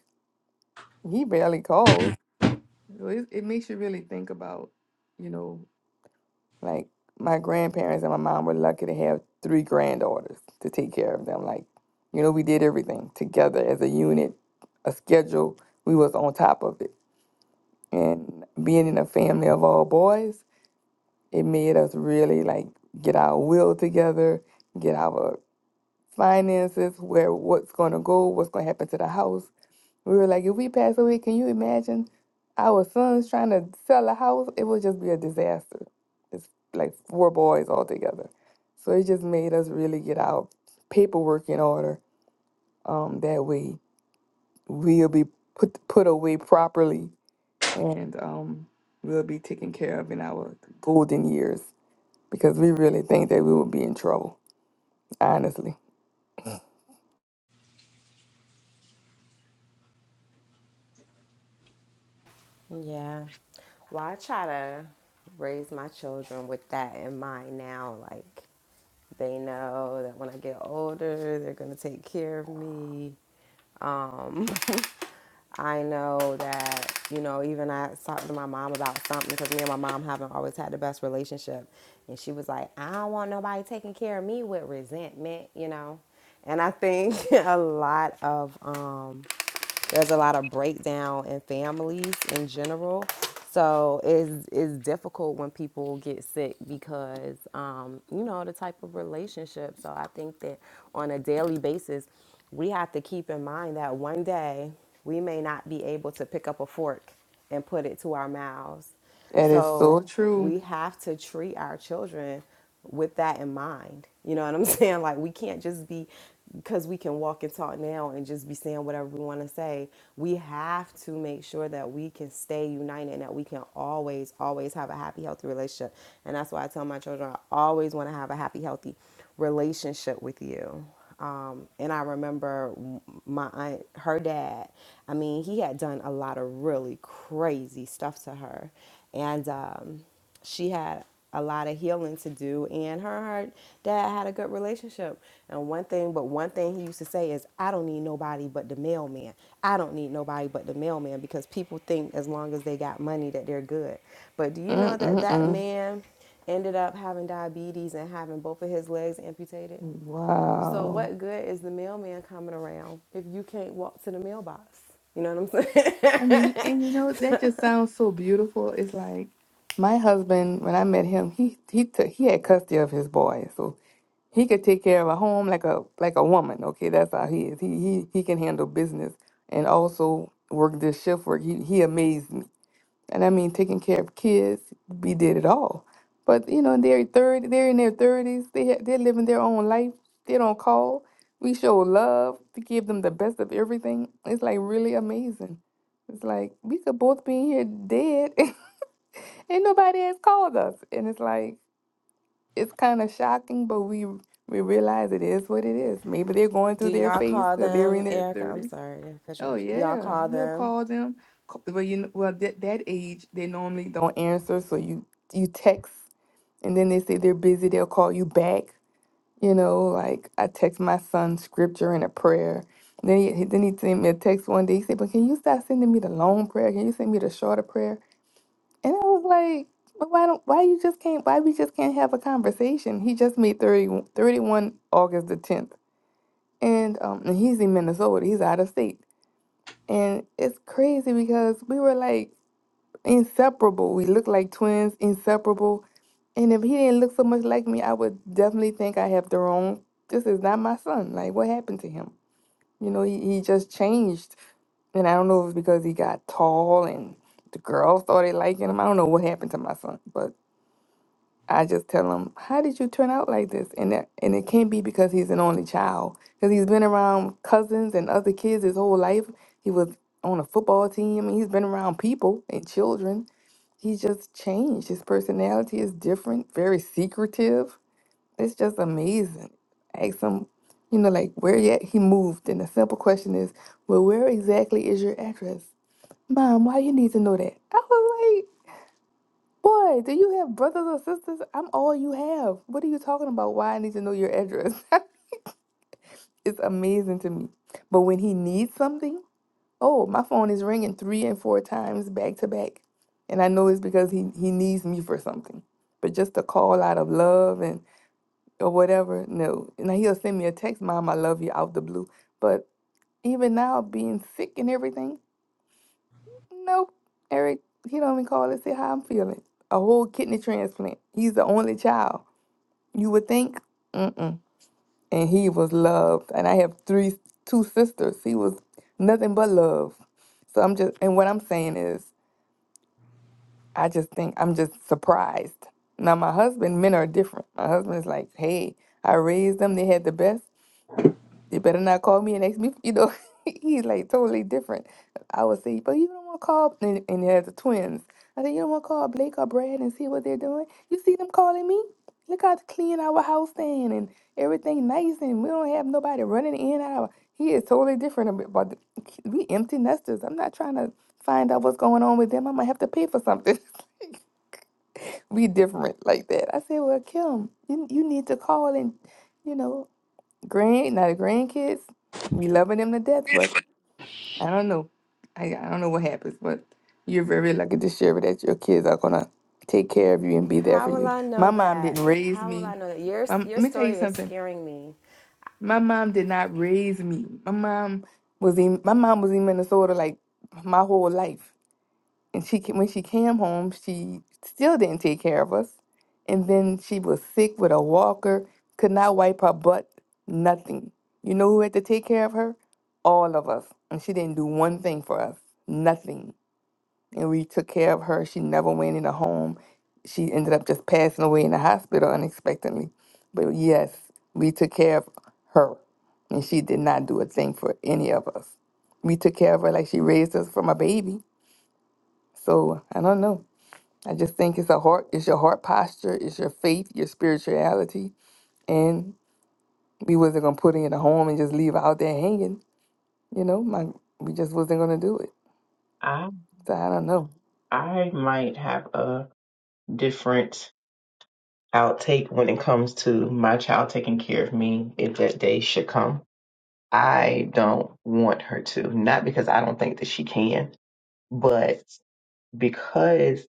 he barely calls. So it, it makes you really think about, you know, like my grandparents and my mom were lucky to have three granddaughters to take care of them. Like, you know, we did everything together as a unit, a schedule. We was on top of it, and being in a family of all boys, it made us really like get our will together, get our finances, where what's going to go, what's going to happen to the house. We were like, if we pass away, can you imagine our sons trying to sell a house? It would just be a disaster. It's like four boys all together. So it just made us really get our paperwork in order. Um, that way we'll be put put away properly and um, we'll be taken care of in our golden years because we really think that we will be in trouble, honestly. Yeah. Well, I try to raise my children with that in mind now. Like, They know that when I get older, they're going to take care of me. Um, I know that, you know, even I talked to my mom about something because me and my mom haven't always had the best relationship. And she was like, I don't want nobody taking care of me with resentment, you know? And I think a lot of, um, there's a lot of breakdown in families in general. So it's, it's difficult when people get sick because, um, you know, the type of relationship. So I think that on a daily basis, we have to keep in mind that one day we may not be able to pick up a fork and put it to our mouths. That is so So true. we have to treat our children with that in mind. You know what I'm saying? Like we can't just be because we can walk and talk now and just be saying whatever we want to say. We have to make sure that we can stay united and that we can always, always have a happy, healthy relationship. And that's why I tell my children I always want to have a happy, healthy relationship with you. Um, and I remember my aunt, her dad. I mean, he had done a lot of really crazy stuff to her, and um, she had a lot of healing to do and her and her dad had a good relationship and one thing but one thing he used to say is i don't need nobody but the mailman i don't need nobody but the mailman because people think as long as they got money that they're good but do you know that that Mm-mm-mm. man ended up having diabetes and having both of his legs amputated so Wow. what good is the mailman coming around if you can't walk to the mailbox you know what i'm saying? I mean, and you know, that just sounds so beautiful. It's like my husband, when I met him, he he took he had custody of his boy, so he could take care of a home like a like a woman. Okay, that's how he is. He he he can handle business and also work this shift work. He he amazed me and I mean taking care of kids, we did it all. But you know, they're thirty, they're in their thirties. They ha- they're living their own life. They don't call. We show love to give them the best of everything. It's like really amazing. It's like we could both be in here dead, and nobody has called us. And it's like it's kind of shocking, but we we realize it is what it is. Maybe they're going Do through their y'all phase call because they're in them their Erica? I'm thirties. sorry, I cut you Oh off. Y'all yeah, call we'll them. call them. Ca- Well, you know, well that that age they normally don't answer, so you you text, and then they say they're busy. They'll call you back. You know, like I text my son scripture and a prayer. And then he he- then he sent me a text one day. He said, "But can you stop sending me the long prayer? Can you send me the shorter prayer?" And I was like, "But why don't why you just can't why we just can't have a conversation?" He just made 30 31 August the tenth, and um and he's in Minnesota. He's out of state. And it's crazy because we were like inseparable. We looked like twins, inseparable. And if he didn't look so much like me, I would definitely think I have the wrong. This is not my son. Like, what happened to him? You know, he, he just changed. And I don't know if it's because he got tall and the girls started liking him. I don't know what happened to my son, but I just tell him, "How did you turn out like this?" And that, and it can't be because he's an only child, because he's been around cousins and other kids his whole life. He was on a football team, and he's been around people and children. He's just changed. His personality is different, very secretive. It's just amazing. Ask him, you know, like where yet he moved, and the simple question is, "Well, where exactly is your address, Mom? Why you need to know that?" I was like. Boy, do you have brothers or sisters? I'm all you have. What are you talking about? Why I need to know your address? it's amazing to me. But when he needs something, oh, my phone is ringing three and four times back to back. And I know it's because he, he needs me for something. But just to call out of love and or whatever, no. Now he'll send me a text, Mom, I love you out the blue. But even now, being sick and everything, nope. Eric, he don't even call and say how I'm feeling. A whole kidney transplant. He's the only child. You would think, mm-mm. And he was loved. And I have three, two sisters. He was nothing but love. So I'm just, and what I'm saying is, I just think I'm just surprised. Now my husband, men are different. My husband is like, hey, I raised them. They had the best. You better not call me and ask me, you know, he's like totally different. I would say, but you don't want to call, and, and they have the twins. I said, you don't want to call Blake or Brad and see what they're doing? You see them calling me? Look how clean our house then and everything nice, and we don't have nobody running in and out. He is totally different ab- about the, we empty nesters. I'm not trying to find out what's going on with them. I might have to pay for something. we different like that. I said, well, Kim, you, you need to call and, you know, Grand, now the grandkids, we loving them to death, but I don't know. I, I don't know what happens, but you're very lucky to share that your kids are gonna take care of you and be there for How will you. I My know mom didn't that? raise How will me. I know that? Your My, let your me tell story you is something. scaring me. My mom did not raise me. My mom was in my mom was in Minnesota like my whole life and she ca- when she came home, she still didn't take care of us, and then she was sick with a walker, could not wipe her butt, nothing. You know who had to take care of her? All of us, and she didn't do one thing for us, nothing. And we took care of her. She never went in a home. She ended up just passing away in the hospital unexpectedly. But yes, we took care of her, and she did not do a thing for any of us. We took care of her like she raised us from a baby. So I don't know. I just think it's a heart, it's your heart posture, it's your faith, your spirituality, and we wasn't gonna put it in a home and just leave it out there hanging. You know, my we just wasn't gonna do it. I So I don't know. I might have a different outtake when it comes to my child taking care of me if that day should come I don't want her to. Not because I don't think that she can, but because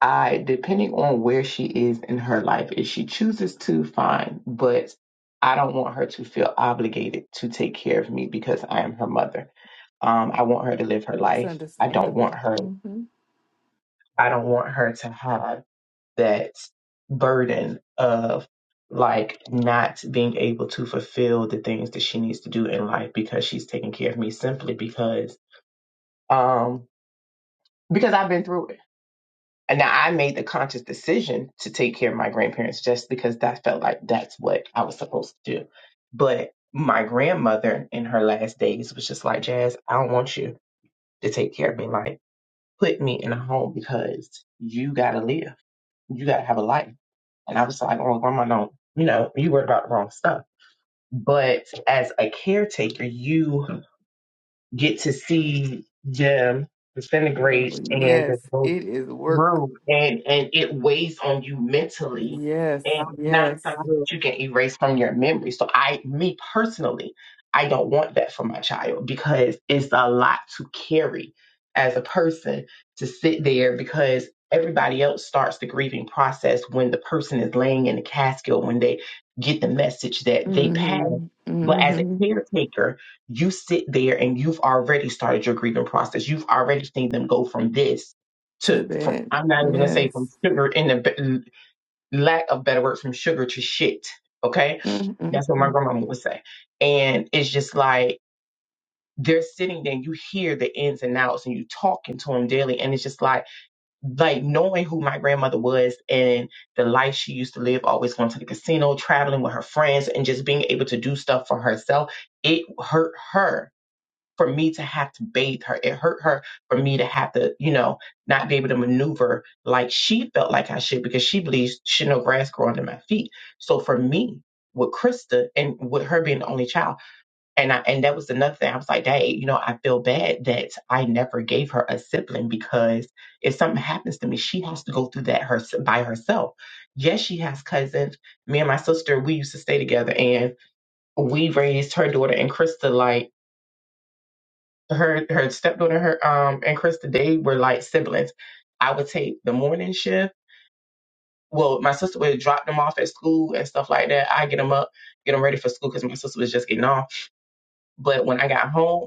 I, depending on where she is in her life, if she chooses to, fine. But I don't want her to feel obligated to take care of me because I am her mother. Um, I want her to live her That's life. I don't want understandable. her. hmm I don't want her to have that burden of like not being able to fulfill the things that she needs to do in life because she's taking care of me simply because um, because I've been through it. And now I made the conscious decision to take care of my grandparents just because that felt like that's what I was supposed to do. But my grandmother in her last days was just like, Jazz, I don't want you to take care of me. Like, put me in a home because you got to live. You got to have a life. And I was like, oh, grandma, no, you know, you worried about the wrong stuff. But as a caretaker, you get to see them Yeah, disintegrate well, and just yes, go it is work. through and and it weighs on you mentally Yes, and not yes. something that you can erase from your memory so i me personally i don't want that for my child because it's a lot to carry as a person to sit there because everybody else starts the grieving process when the person is laying in the casket or when they get the message that they passed Mm-hmm. but as a Mm-hmm. caretaker you sit there and you've already started your grieving process. You've already seen them go from this To to from that, I'm not even gonna say from yes. sugar in the be- lack of better word from sugar to shit. Okay, that's what my Mm-mm-mm. grandmama would say, and it's just like they're sitting there. And you hear the ins and outs, and you talking to them daily, and it's just like like knowing who my grandmother was and the life she used to live, always going to the casino, traveling with her friends, and just being able to do stuff for herself. It hurt her for me to have to bathe her. It hurt her for me to have to, you know, not be able to maneuver like she felt like I should because she believes she no grass grow under my feet. So for me, with Krista and with her being the only child, and I and that was another thing. I was like, Dad, you know, I feel bad that I never gave her a sibling because if something happens to me, she has to go through that her by herself. Yes, she has cousins. Me and my sister, we used to stay together, and we raised her daughter and Krista like her her stepdaughter her um and Krista they were like siblings. I would take the morning shift. Well, my sister would drop them off at school and stuff like that. I get them up, get them ready for school because my sister was just getting off. But when I got home,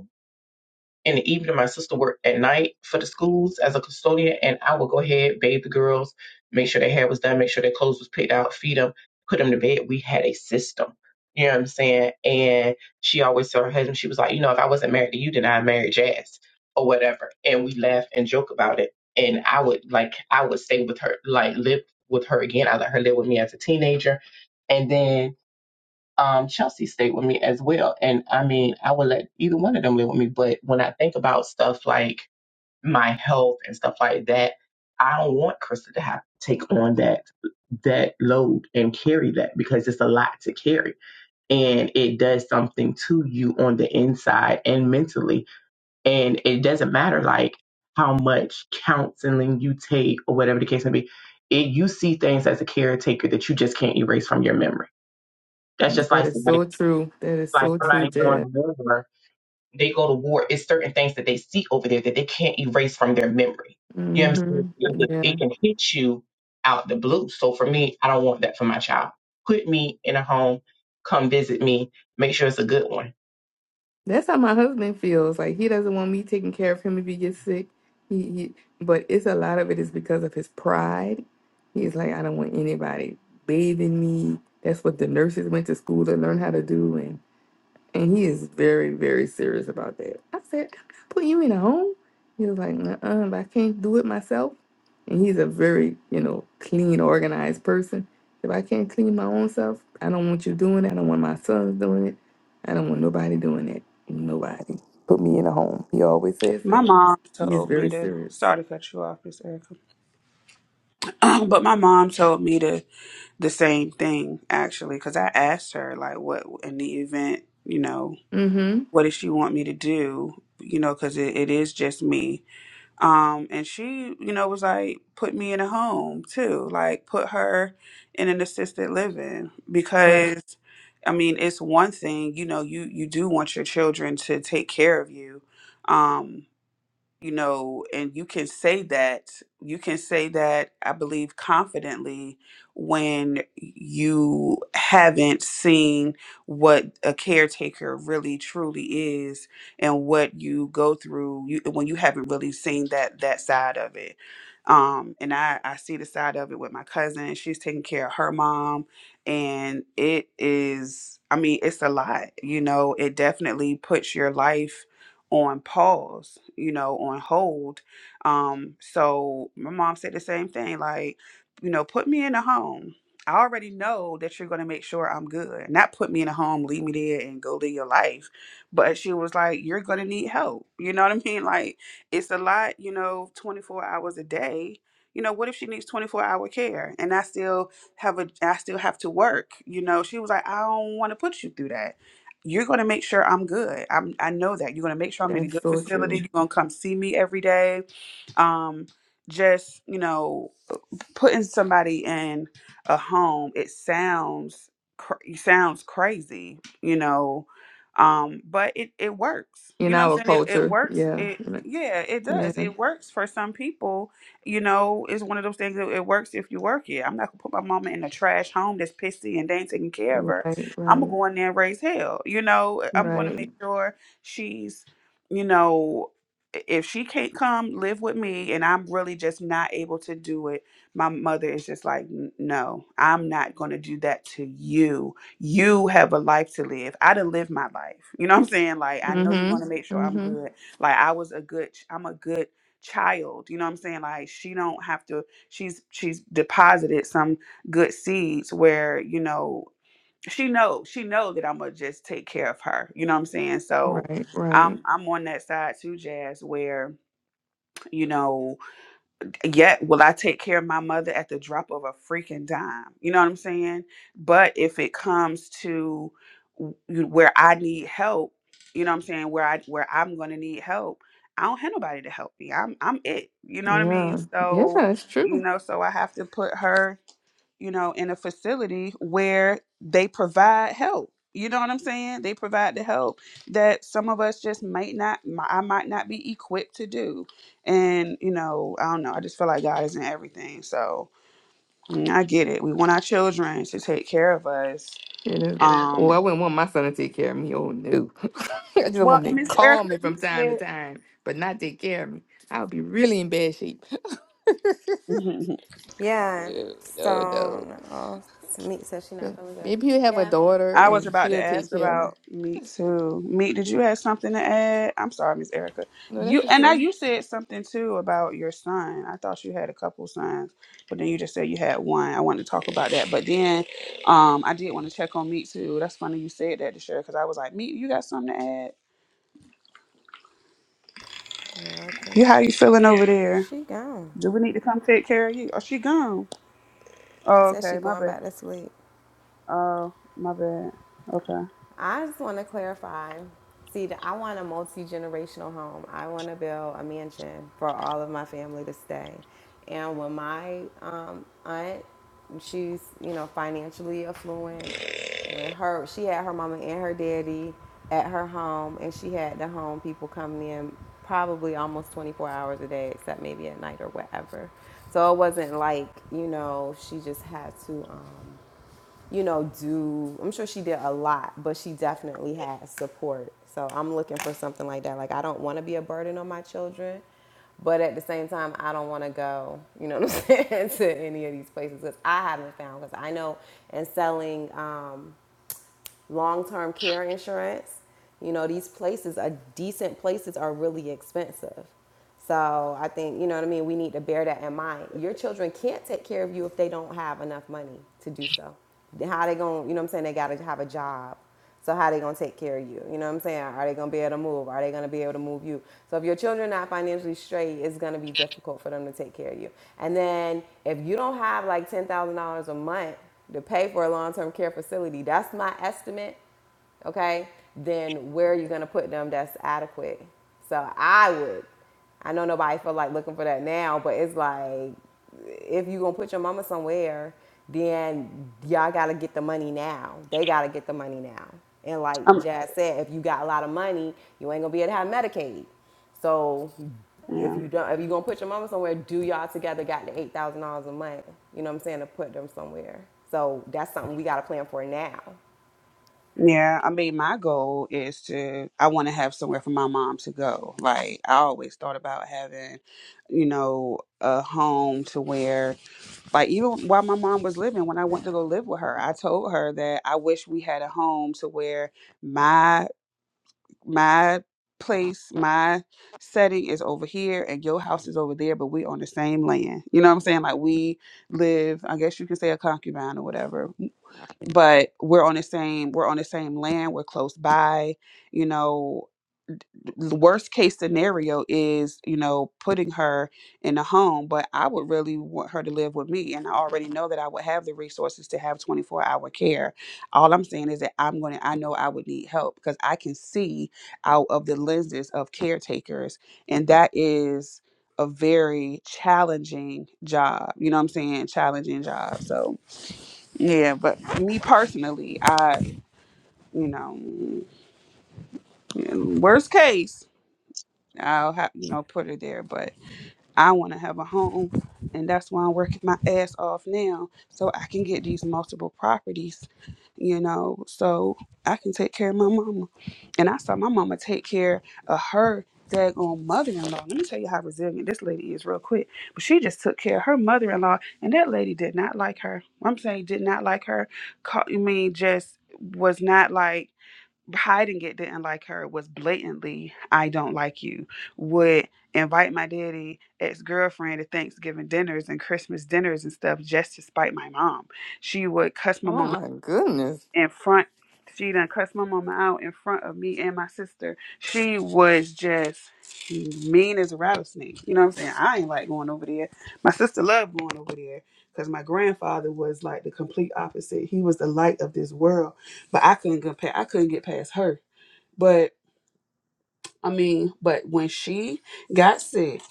in the evening, my sister worked at night for the schools as a custodian, and I would go ahead, bathe the girls, make sure their hair was done, make sure their clothes was picked out, feed them, put them to bed. We had a system. You know what I'm saying? And she always told her husband, she was like, you know, if I wasn't married to you, then I married Jazz or whatever. And we laugh and joke about it. And I would like, I would stay with her, like live with her again. I let her live with me as a teenager. and then um, Chelsea stayed with me as well. And I mean, I would let either one of them live with me. But when I think about stuff like my health and stuff like that, I don't want Krista to have to take on that that load and carry that because it's a lot to carry and it does something to you on the inside and mentally and it doesn't matter like how much counseling you take or whatever the case may be it, you see things as a caretaker that you just can't erase from your memory that's just That like is somebody so true. That is like so true, somebody going to Jed. war, they go to war. It's certain things that they see over there that they can't erase from their memory. You know what I'm saying? Mm-hmm. It Yeah. it can hit you out the blue. So for me, I don't want that for my child. Put me in a home, come visit me, make sure it's a good one. That's how my husband feels. Like he doesn't want me taking care of him if he gets sick. He, he but it's a lot of it is because of his pride. He's like, I don't want anybody bathing me. That's what the nurses went to school to learn how to do. And he is very, very serious about that. I said, I'm not putting you in a home. He was like, uh but I can't do it myself. And he's a very, you know, clean, organized person. If I can't clean my own self, I don't want you doing it. I don't want my sons doing it. I don't want nobody doing it. Nobody. Put me in a home. He always says My that. mom He's told me very to serious. sorry to cut you off, Miss Erica, but my mom told me to the same thing actually because I asked her like what in the event you know Mm-hmm. what does she want me to do you know because it, it is just me um and she you know was like put me in a home too like put her in an assisted living Right. because i mean it's one thing you know you you do want your children to take care of you um you know and you can say that you can say that i believe confidently when you haven't seen what a kicker really is and. through you when you have seen that that bit. Um, and I I see the side of it with my cousin. she care of her mom and it is i mean it's a lot you know it definitely puts your life on pause you know on hold um so my mom said the same thing like you know put me in a home i already know that you're going to make sure i'm good not put me in a home leave me there and go live your life but she was like you're going to need help you know what i mean like it's a lot you know 24 hours a day you know what if she needs 24 hour care and i still have a I still have to work. You know, she was like, I don't want to put you through that. You're gonna make sure I'm good. I'm I know that. You're gonna make sure I'm in a That's good so facility. true. You're gonna come see me every day. Um, just, you know, putting somebody in a home it sounds cr- it sounds crazy you know um but it it works In you know what our i'm saying it, it culture. works Yeah. it yeah it Yeah. does it works for some people you know it's one of those things that it works if you work it i'm not gonna put my mama in a trash home that's pissy and they ain't taking care of her Right, i'm gonna right, go in there and raise hell you know i'm gonna right. make sure she's you know if she can't come live with me and i'm really just not able to do it my mother is just like, "N- no, I'm not going to do that to you. You have a life to live. I done lived my life. You know what I'm saying? Like, I know you want to make Mm-hmm. sure I'm Mm-hmm. good. Like, I was a good, ch- I'm a good child. You know what I'm saying? Like, she don't have to, she's, she's deposited some good seeds where, you know, she know, she know that I'm going to just take care of her. You know what I'm saying? So Mhm. Right, right. I'm, I'm on that side too, Jazz, where, you know, yet will I take care of my mother at the drop of a freaking dime. You know what I'm saying? But if it comes to w- where I need help, you know what I'm saying, where I where I'm going to need help, I don't have nobody to help me. I'm I'm it. You know what I mean? Yeah. Yeah, So, it's you true. know, so I have to put her you know, in a facility where they provide help. You know what I'm saying? They provide the help that some of us just might not, mi- I might not be equipped to do. And, you know, I don't know. I just feel like God isn't everything. So mm, I get it. We want our children to take care of us. It is. And it, Oh, I Um, wouldn't want my son to take care of me. Oh no. I just well, want him and to Miss call Erica, me you from time to said, time, but not take care of me. I would be really in bad shape. Mhm. Yeah. no, no, So no. no, it's says she not But feeling good. maybe you have a Yeah. daughter I was and about to she'll take ask care of me. about Meek too. Meek, did you have something to add? I'm sorry, Miss Erica. No, that's You and now okay. you said something too about your son. I thought you had a couple sons, but then you just said you had one. I wanted to talk about that, but then um, I did want to check on Meek too. That's funny you said that to share because I was like, Meek, you got something to add? Yeah. Okay. You how you feeling over there? She gone. Do we need to come take care of you? Oh, she gone. She Oh, says she okay, my going bad. back to sleep. Oh, my bad. Okay, I just want to clarify. See, I want a multi generational home. I want to build a mansion for all of my family to stay. And when my um, aunt, she's you know financially affluent. When her, she had her mama and her daddy at her home, and she had the home people coming in probably almost 24 hours a day, except maybe at night or whatever. So it wasn't like you know she just had to. Um, you know, do. I'm sure she did a lot, but she definitely had support. So I'm looking for something like that. Like I don't want to be a burden on my children, but at the same time, I don't want to go. You know what I'm saying to any of these places because I haven't found. Because I know in selling. Um, long term care insurance. You know, these places are decent places are really expensive. So I think, you know what I mean, we need to bear that in mind. Your children can't take care of you if they don't have enough money to do so. How they going to, you know what I'm saying, they got to have a job. So how are they gonna take care of you? You know what I'm saying? Are they gonna be able to move? Are they gonna be able to move you? So if your children are not financially straight, it's gonna be difficult for them to take care of you. And then if you don't have like ten thousand dollars a month to pay for a long-term care facility, that's my estimate. Okay, then where are you gonna put them? That's adequate. So I would I know nobody feel like looking for that now, but it's like if you gonna put your mama somewhere, then y'all gotta get the money now. They gotta get the money now. And like I'm Jazz said, if you got a lot of money, you ain't gonna be able to have Medicaid. So if yeah. you don't, if you gonna put your mama somewhere, do y'all together got the eight thousand dollars a month. You know what I'm saying to put them somewhere. So that's something we gotta plan for now. Yeah, I mean, my goal is to, I want to have somewhere for my mom to go. Like, I always thought about having, you know, a home to where, like, even while my mom was living, when I went to go live with her, I told her that I wish we had a home to where my, my, place my setting is over here and your house is over there but we on the same land you know what i'm saying like we live i guess you can say a concubine or whatever but we're on the same we're on the same land we're close by you know the worst case scenario is you know putting her in a home but i would really want her to live with me and i already know that i would have the resources to have 24 hour care all i'm saying is that i'm going to i know i would need help because i can see out of the lenses of caretakers and that is a very challenging job you know what i'm saying challenging job so yeah, but me personally, I, you know, worst case, I'll have, you know, put her there. But I want to have a home, and that's why I'm working my ass off now so I can get these multiple properties, you know, so I can take care of my mama. And I saw my mama take care of her daggone mother-in-law. Let me tell you how resilient this lady is real quick. But she just took care of her mother-in-law, and that lady did not like her. I'm saying did not like her. Ca- I mean, just was not like hiding it didn't like her was blatantly i don't like you would invite my daddy ex-girlfriend to thanksgiving dinners and christmas dinners and stuff just to spite my mom she would cuss my Oh mom my goodness. in front she done cuss my mama out in front of me and my sister she was just mean as a rattlesnake you know what i'm saying i ain't like going over there my sister loved going over there because my grandfather was like the complete opposite he was the light of this world but i couldn't compare i couldn't get past her but I mean, but when she got sick,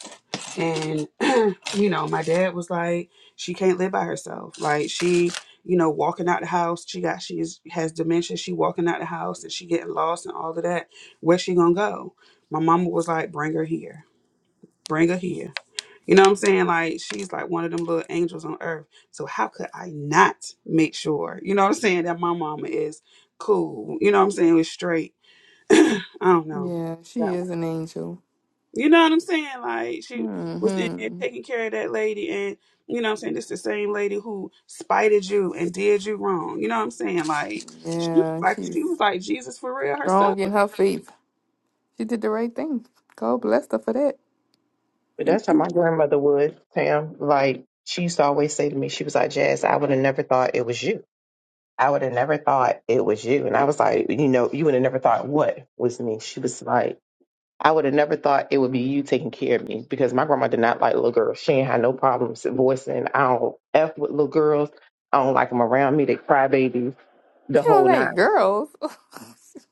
and you know, my dad was like, she can't live by herself. Like she, you know, walking out the house, she got she is, has dementia. She walking out the house and she getting lost and all of that. Where she gonna go? My mama was like, bring her here, bring her here. You know what I'm saying? Like she's like one of them little angels on earth. So how could I not make sure? You know what I'm saying? That my mama is cool. You know what I'm saying? Is straight. I don't know. Yeah, she is an angel. You know what I'm saying? Like she was in there hmm taking care of that lady and you know what I'm saying, this the same lady who spited you and did you wrong. You know what I'm saying? Like she was Yeah, like she was she's like Jesus for real strong herself. in her faith. She did the right thing. God bless her for that. But that's how my grandmother would, Tam. Like she used to always say to me, she was like, Jazz, I would have never thought it was you. I would have never thought it was you. And I was like, you know, you would have never thought what was me. She was like, I would have never thought it would be you taking care of me because my grandma did not like little girls. She ain't had no problems voicing. I don't F with little girls. I don't like them around me. They cry babies the She don't whole like nine. girls.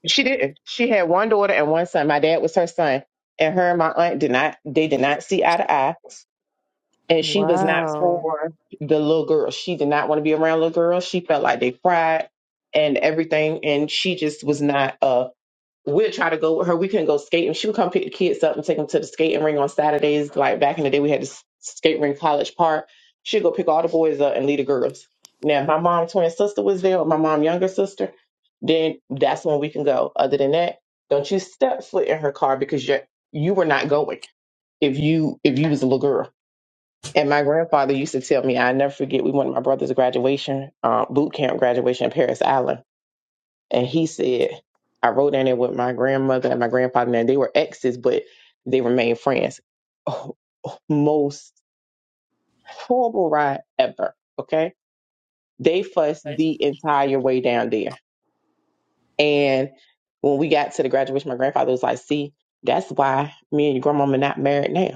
She didn't. She had one daughter and one son. My dad was her son. And her and my aunt did not, they did not see eye to eye. And she was not Wow. for the little girl. She did not want to be around little girls. She felt like they cried and everything. And she just was not uh we'd try to go with her. We couldn't go skating. She would come pick the kids up and take them to the skating ring on Saturdays. Like back in the day, we had this skate ring College Park. She'd go pick all the boys up and leave the girls. Now, if my mom's twin sister was there, or my mom's younger sister, then that's when we can go. Other than that, don't you step foot in her car because you you were not going if you if you was a little girl. And my grandfather used to tell me, I never forget. We went to my brother's graduation, uh, boot camp graduation in Paris Island and he said, I rode down there with my grandmother and my grandfather, and they were exes, but they remained friends. Oh, most horrible ride ever. Okay. They fussed the entire way down there. And when we got to the graduation, my grandfather was like, See, that's why me and your grandmama not married now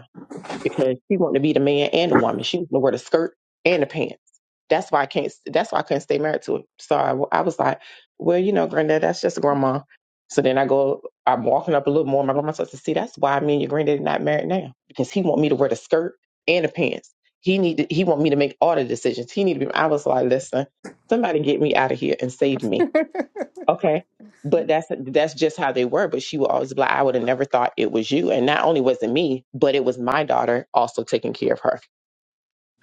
because she wanted to be the man and the woman. She was going to wear the skirt and the pants. That's why I can't. That's why I couldn't stay married to her. So I, I was like, well, you know, granddad, that's just grandma. So then I go, I'm walking up a little more. My grandma says, see, that's why me and your granddaddy not married now because he want me to wear the skirt and the pants. He need. To, he want me to make all the decisions. He need to be. I was like, listen, somebody get me out of here and save me Okay. But that's that's just how they were. But she would always be like, I would have never thought it was you. And not only was it me, but it was my daughter also taking care of her.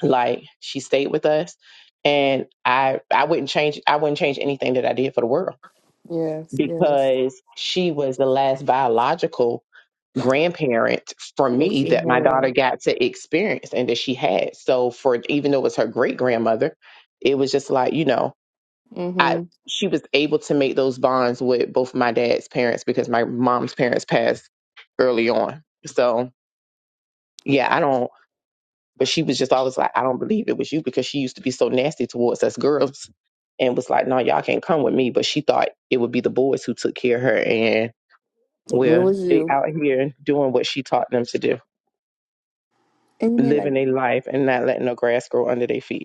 Like she stayed with us and I I wouldn't change I wouldn't change anything that I did for the world Yes, yes. because she was the last biological grandparent for That me she had. that my daughter got to experience and that she had. So for even though it was her great grandmother, it was just like, you know, hmm I And she was able to make those bonds with both my dad's parents because my mom's parents passed early on. So yeah, I don't. But she was just always like, I don't believe it was you because she used to be so nasty towards us girls, and was like, No, y'all can't come with me. But she thought it would be the boys who took care of her, and it well, was they you. out here doing what she taught them to do, And you know, living like, their life and not letting the grass grow under their feet.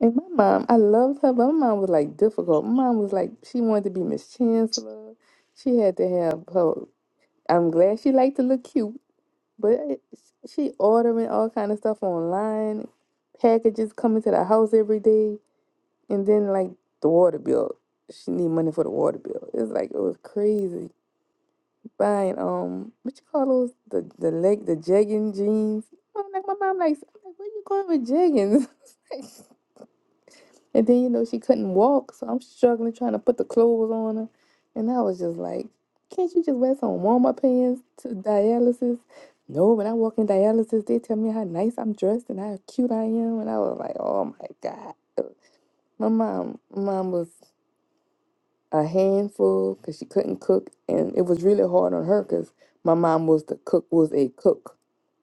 and my mom, I loved her, but my mom was like difficult. My mom was like, she wanted to be Miss Chancellor. She had to have her. I'm glad she liked to look cute, but it, she ordering all kind of stuff online, packages coming to the house every day. And then like the water bill, she need money for the water bill. It's like it was crazy buying um what you call those the the leg the jegging jeans. I'm like my mom likes I'm like where you going with jeggings? and then you know she couldn't walk, so I'm struggling trying to put the clothes on her, and I was just like, can't you just wear some warm up pants to dialysis? No, when I walk in dialysis, they tell me how nice I'm dressed and how cute I am, and I was like, oh my god. My mom, mom was a handful because she couldn't cook, and it was really hard on her because my mom was the cook was a cook,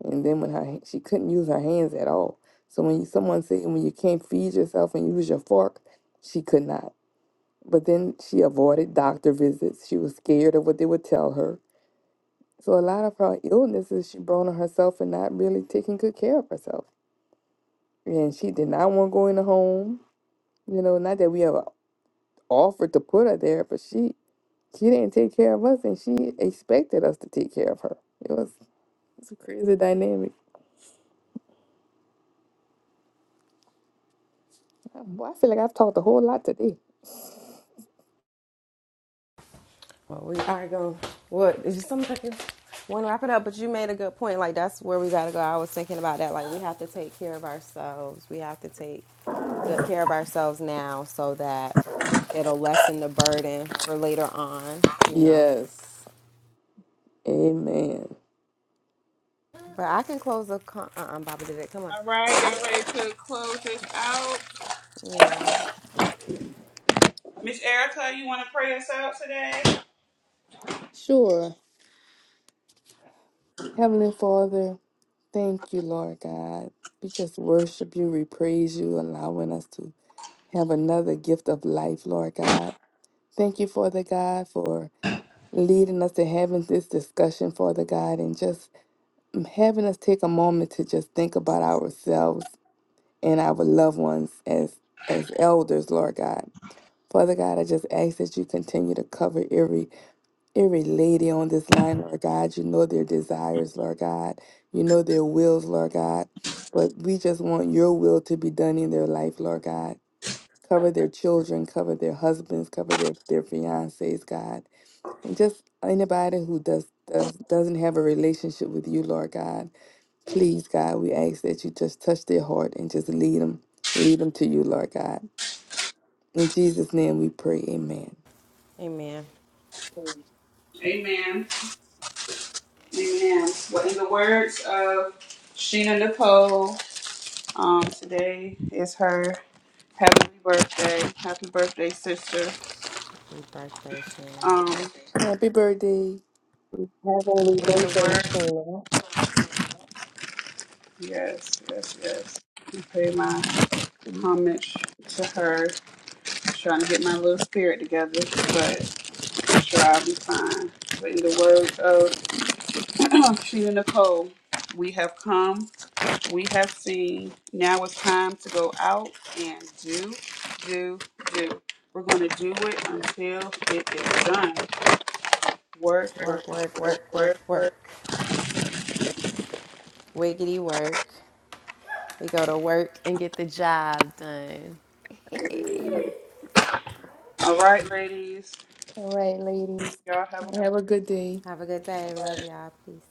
and then when her she couldn't use her hands at all. So when you, someone said when you can't feed yourself and use your fork, she could not. But then she avoided doctor visits. She was scared of what they would tell her. So a lot of her illnesses she brought on herself and not really taking good care of herself. And she did not want to go in the home. You know, not that we ever offered to put her there, but she She didn't take care of us, and she expected us to take care of her. It was it's a crazy dynamic. Boy, I feel like I've talked a whole lot today. Well, we are going. What is just something like want to wrap it up? But you made a good point. Like that's where we gotta go. I was thinking about that. Like we have to take care of ourselves. We have to take good care of ourselves now, so that it'll lessen the burden for later on. You know. Yes. Amen. But I can close the. Con- uh, uh Baba did it. Come on. All right, I. y'all ready to close this out. Yeah. Miss Erica, you wanna pray us out today? Sure. Heavenly Father, thank you, Lord God. We just worship you, we praise you, allowing us to have another gift of life, Lord God. Thank you, Father God, for leading us to having this discussion, Father God, and just having us take a moment to just think about ourselves and our loved ones as as elders, Lord God. Father God, I just ask that you continue to cover every every lady on this line, Lord God. You know their desires, Lord God. You know their wills, Lord God. But we just want your will to be done in their life, Lord God. Cover their children, cover their husbands, cover their, their fiancés, God. Just anybody who does, does doesn't have a relationship with you, Lord God, please, God, we ask that you just touch their heart and just lead them, lead them to you, Lord God. In Jesus' name, we pray. Amen. Amen. Amen. Amen. Well in the words of Sheena Nicole, um, today is her heavenly birthday. Happy birthday, sister. Happy birthday, Sheena. Um, in Happy birthday! the words Yes, yes, yes. I pay my homage to her. Trying to get my little spirit together, but I'm sure I'll be fine. But in the words of Sheena Nicole, we have come, we have seen. Now it's time to go out and do, do, do. We're going to do it until it is done. Work, work, Work, work, work, work, work, work, work. work. Wiggity work. We go to work and get the job done. All right, ladies. All right, ladies, Y'all have a have a good good day. Have a good day. one. Love y'all. Peace.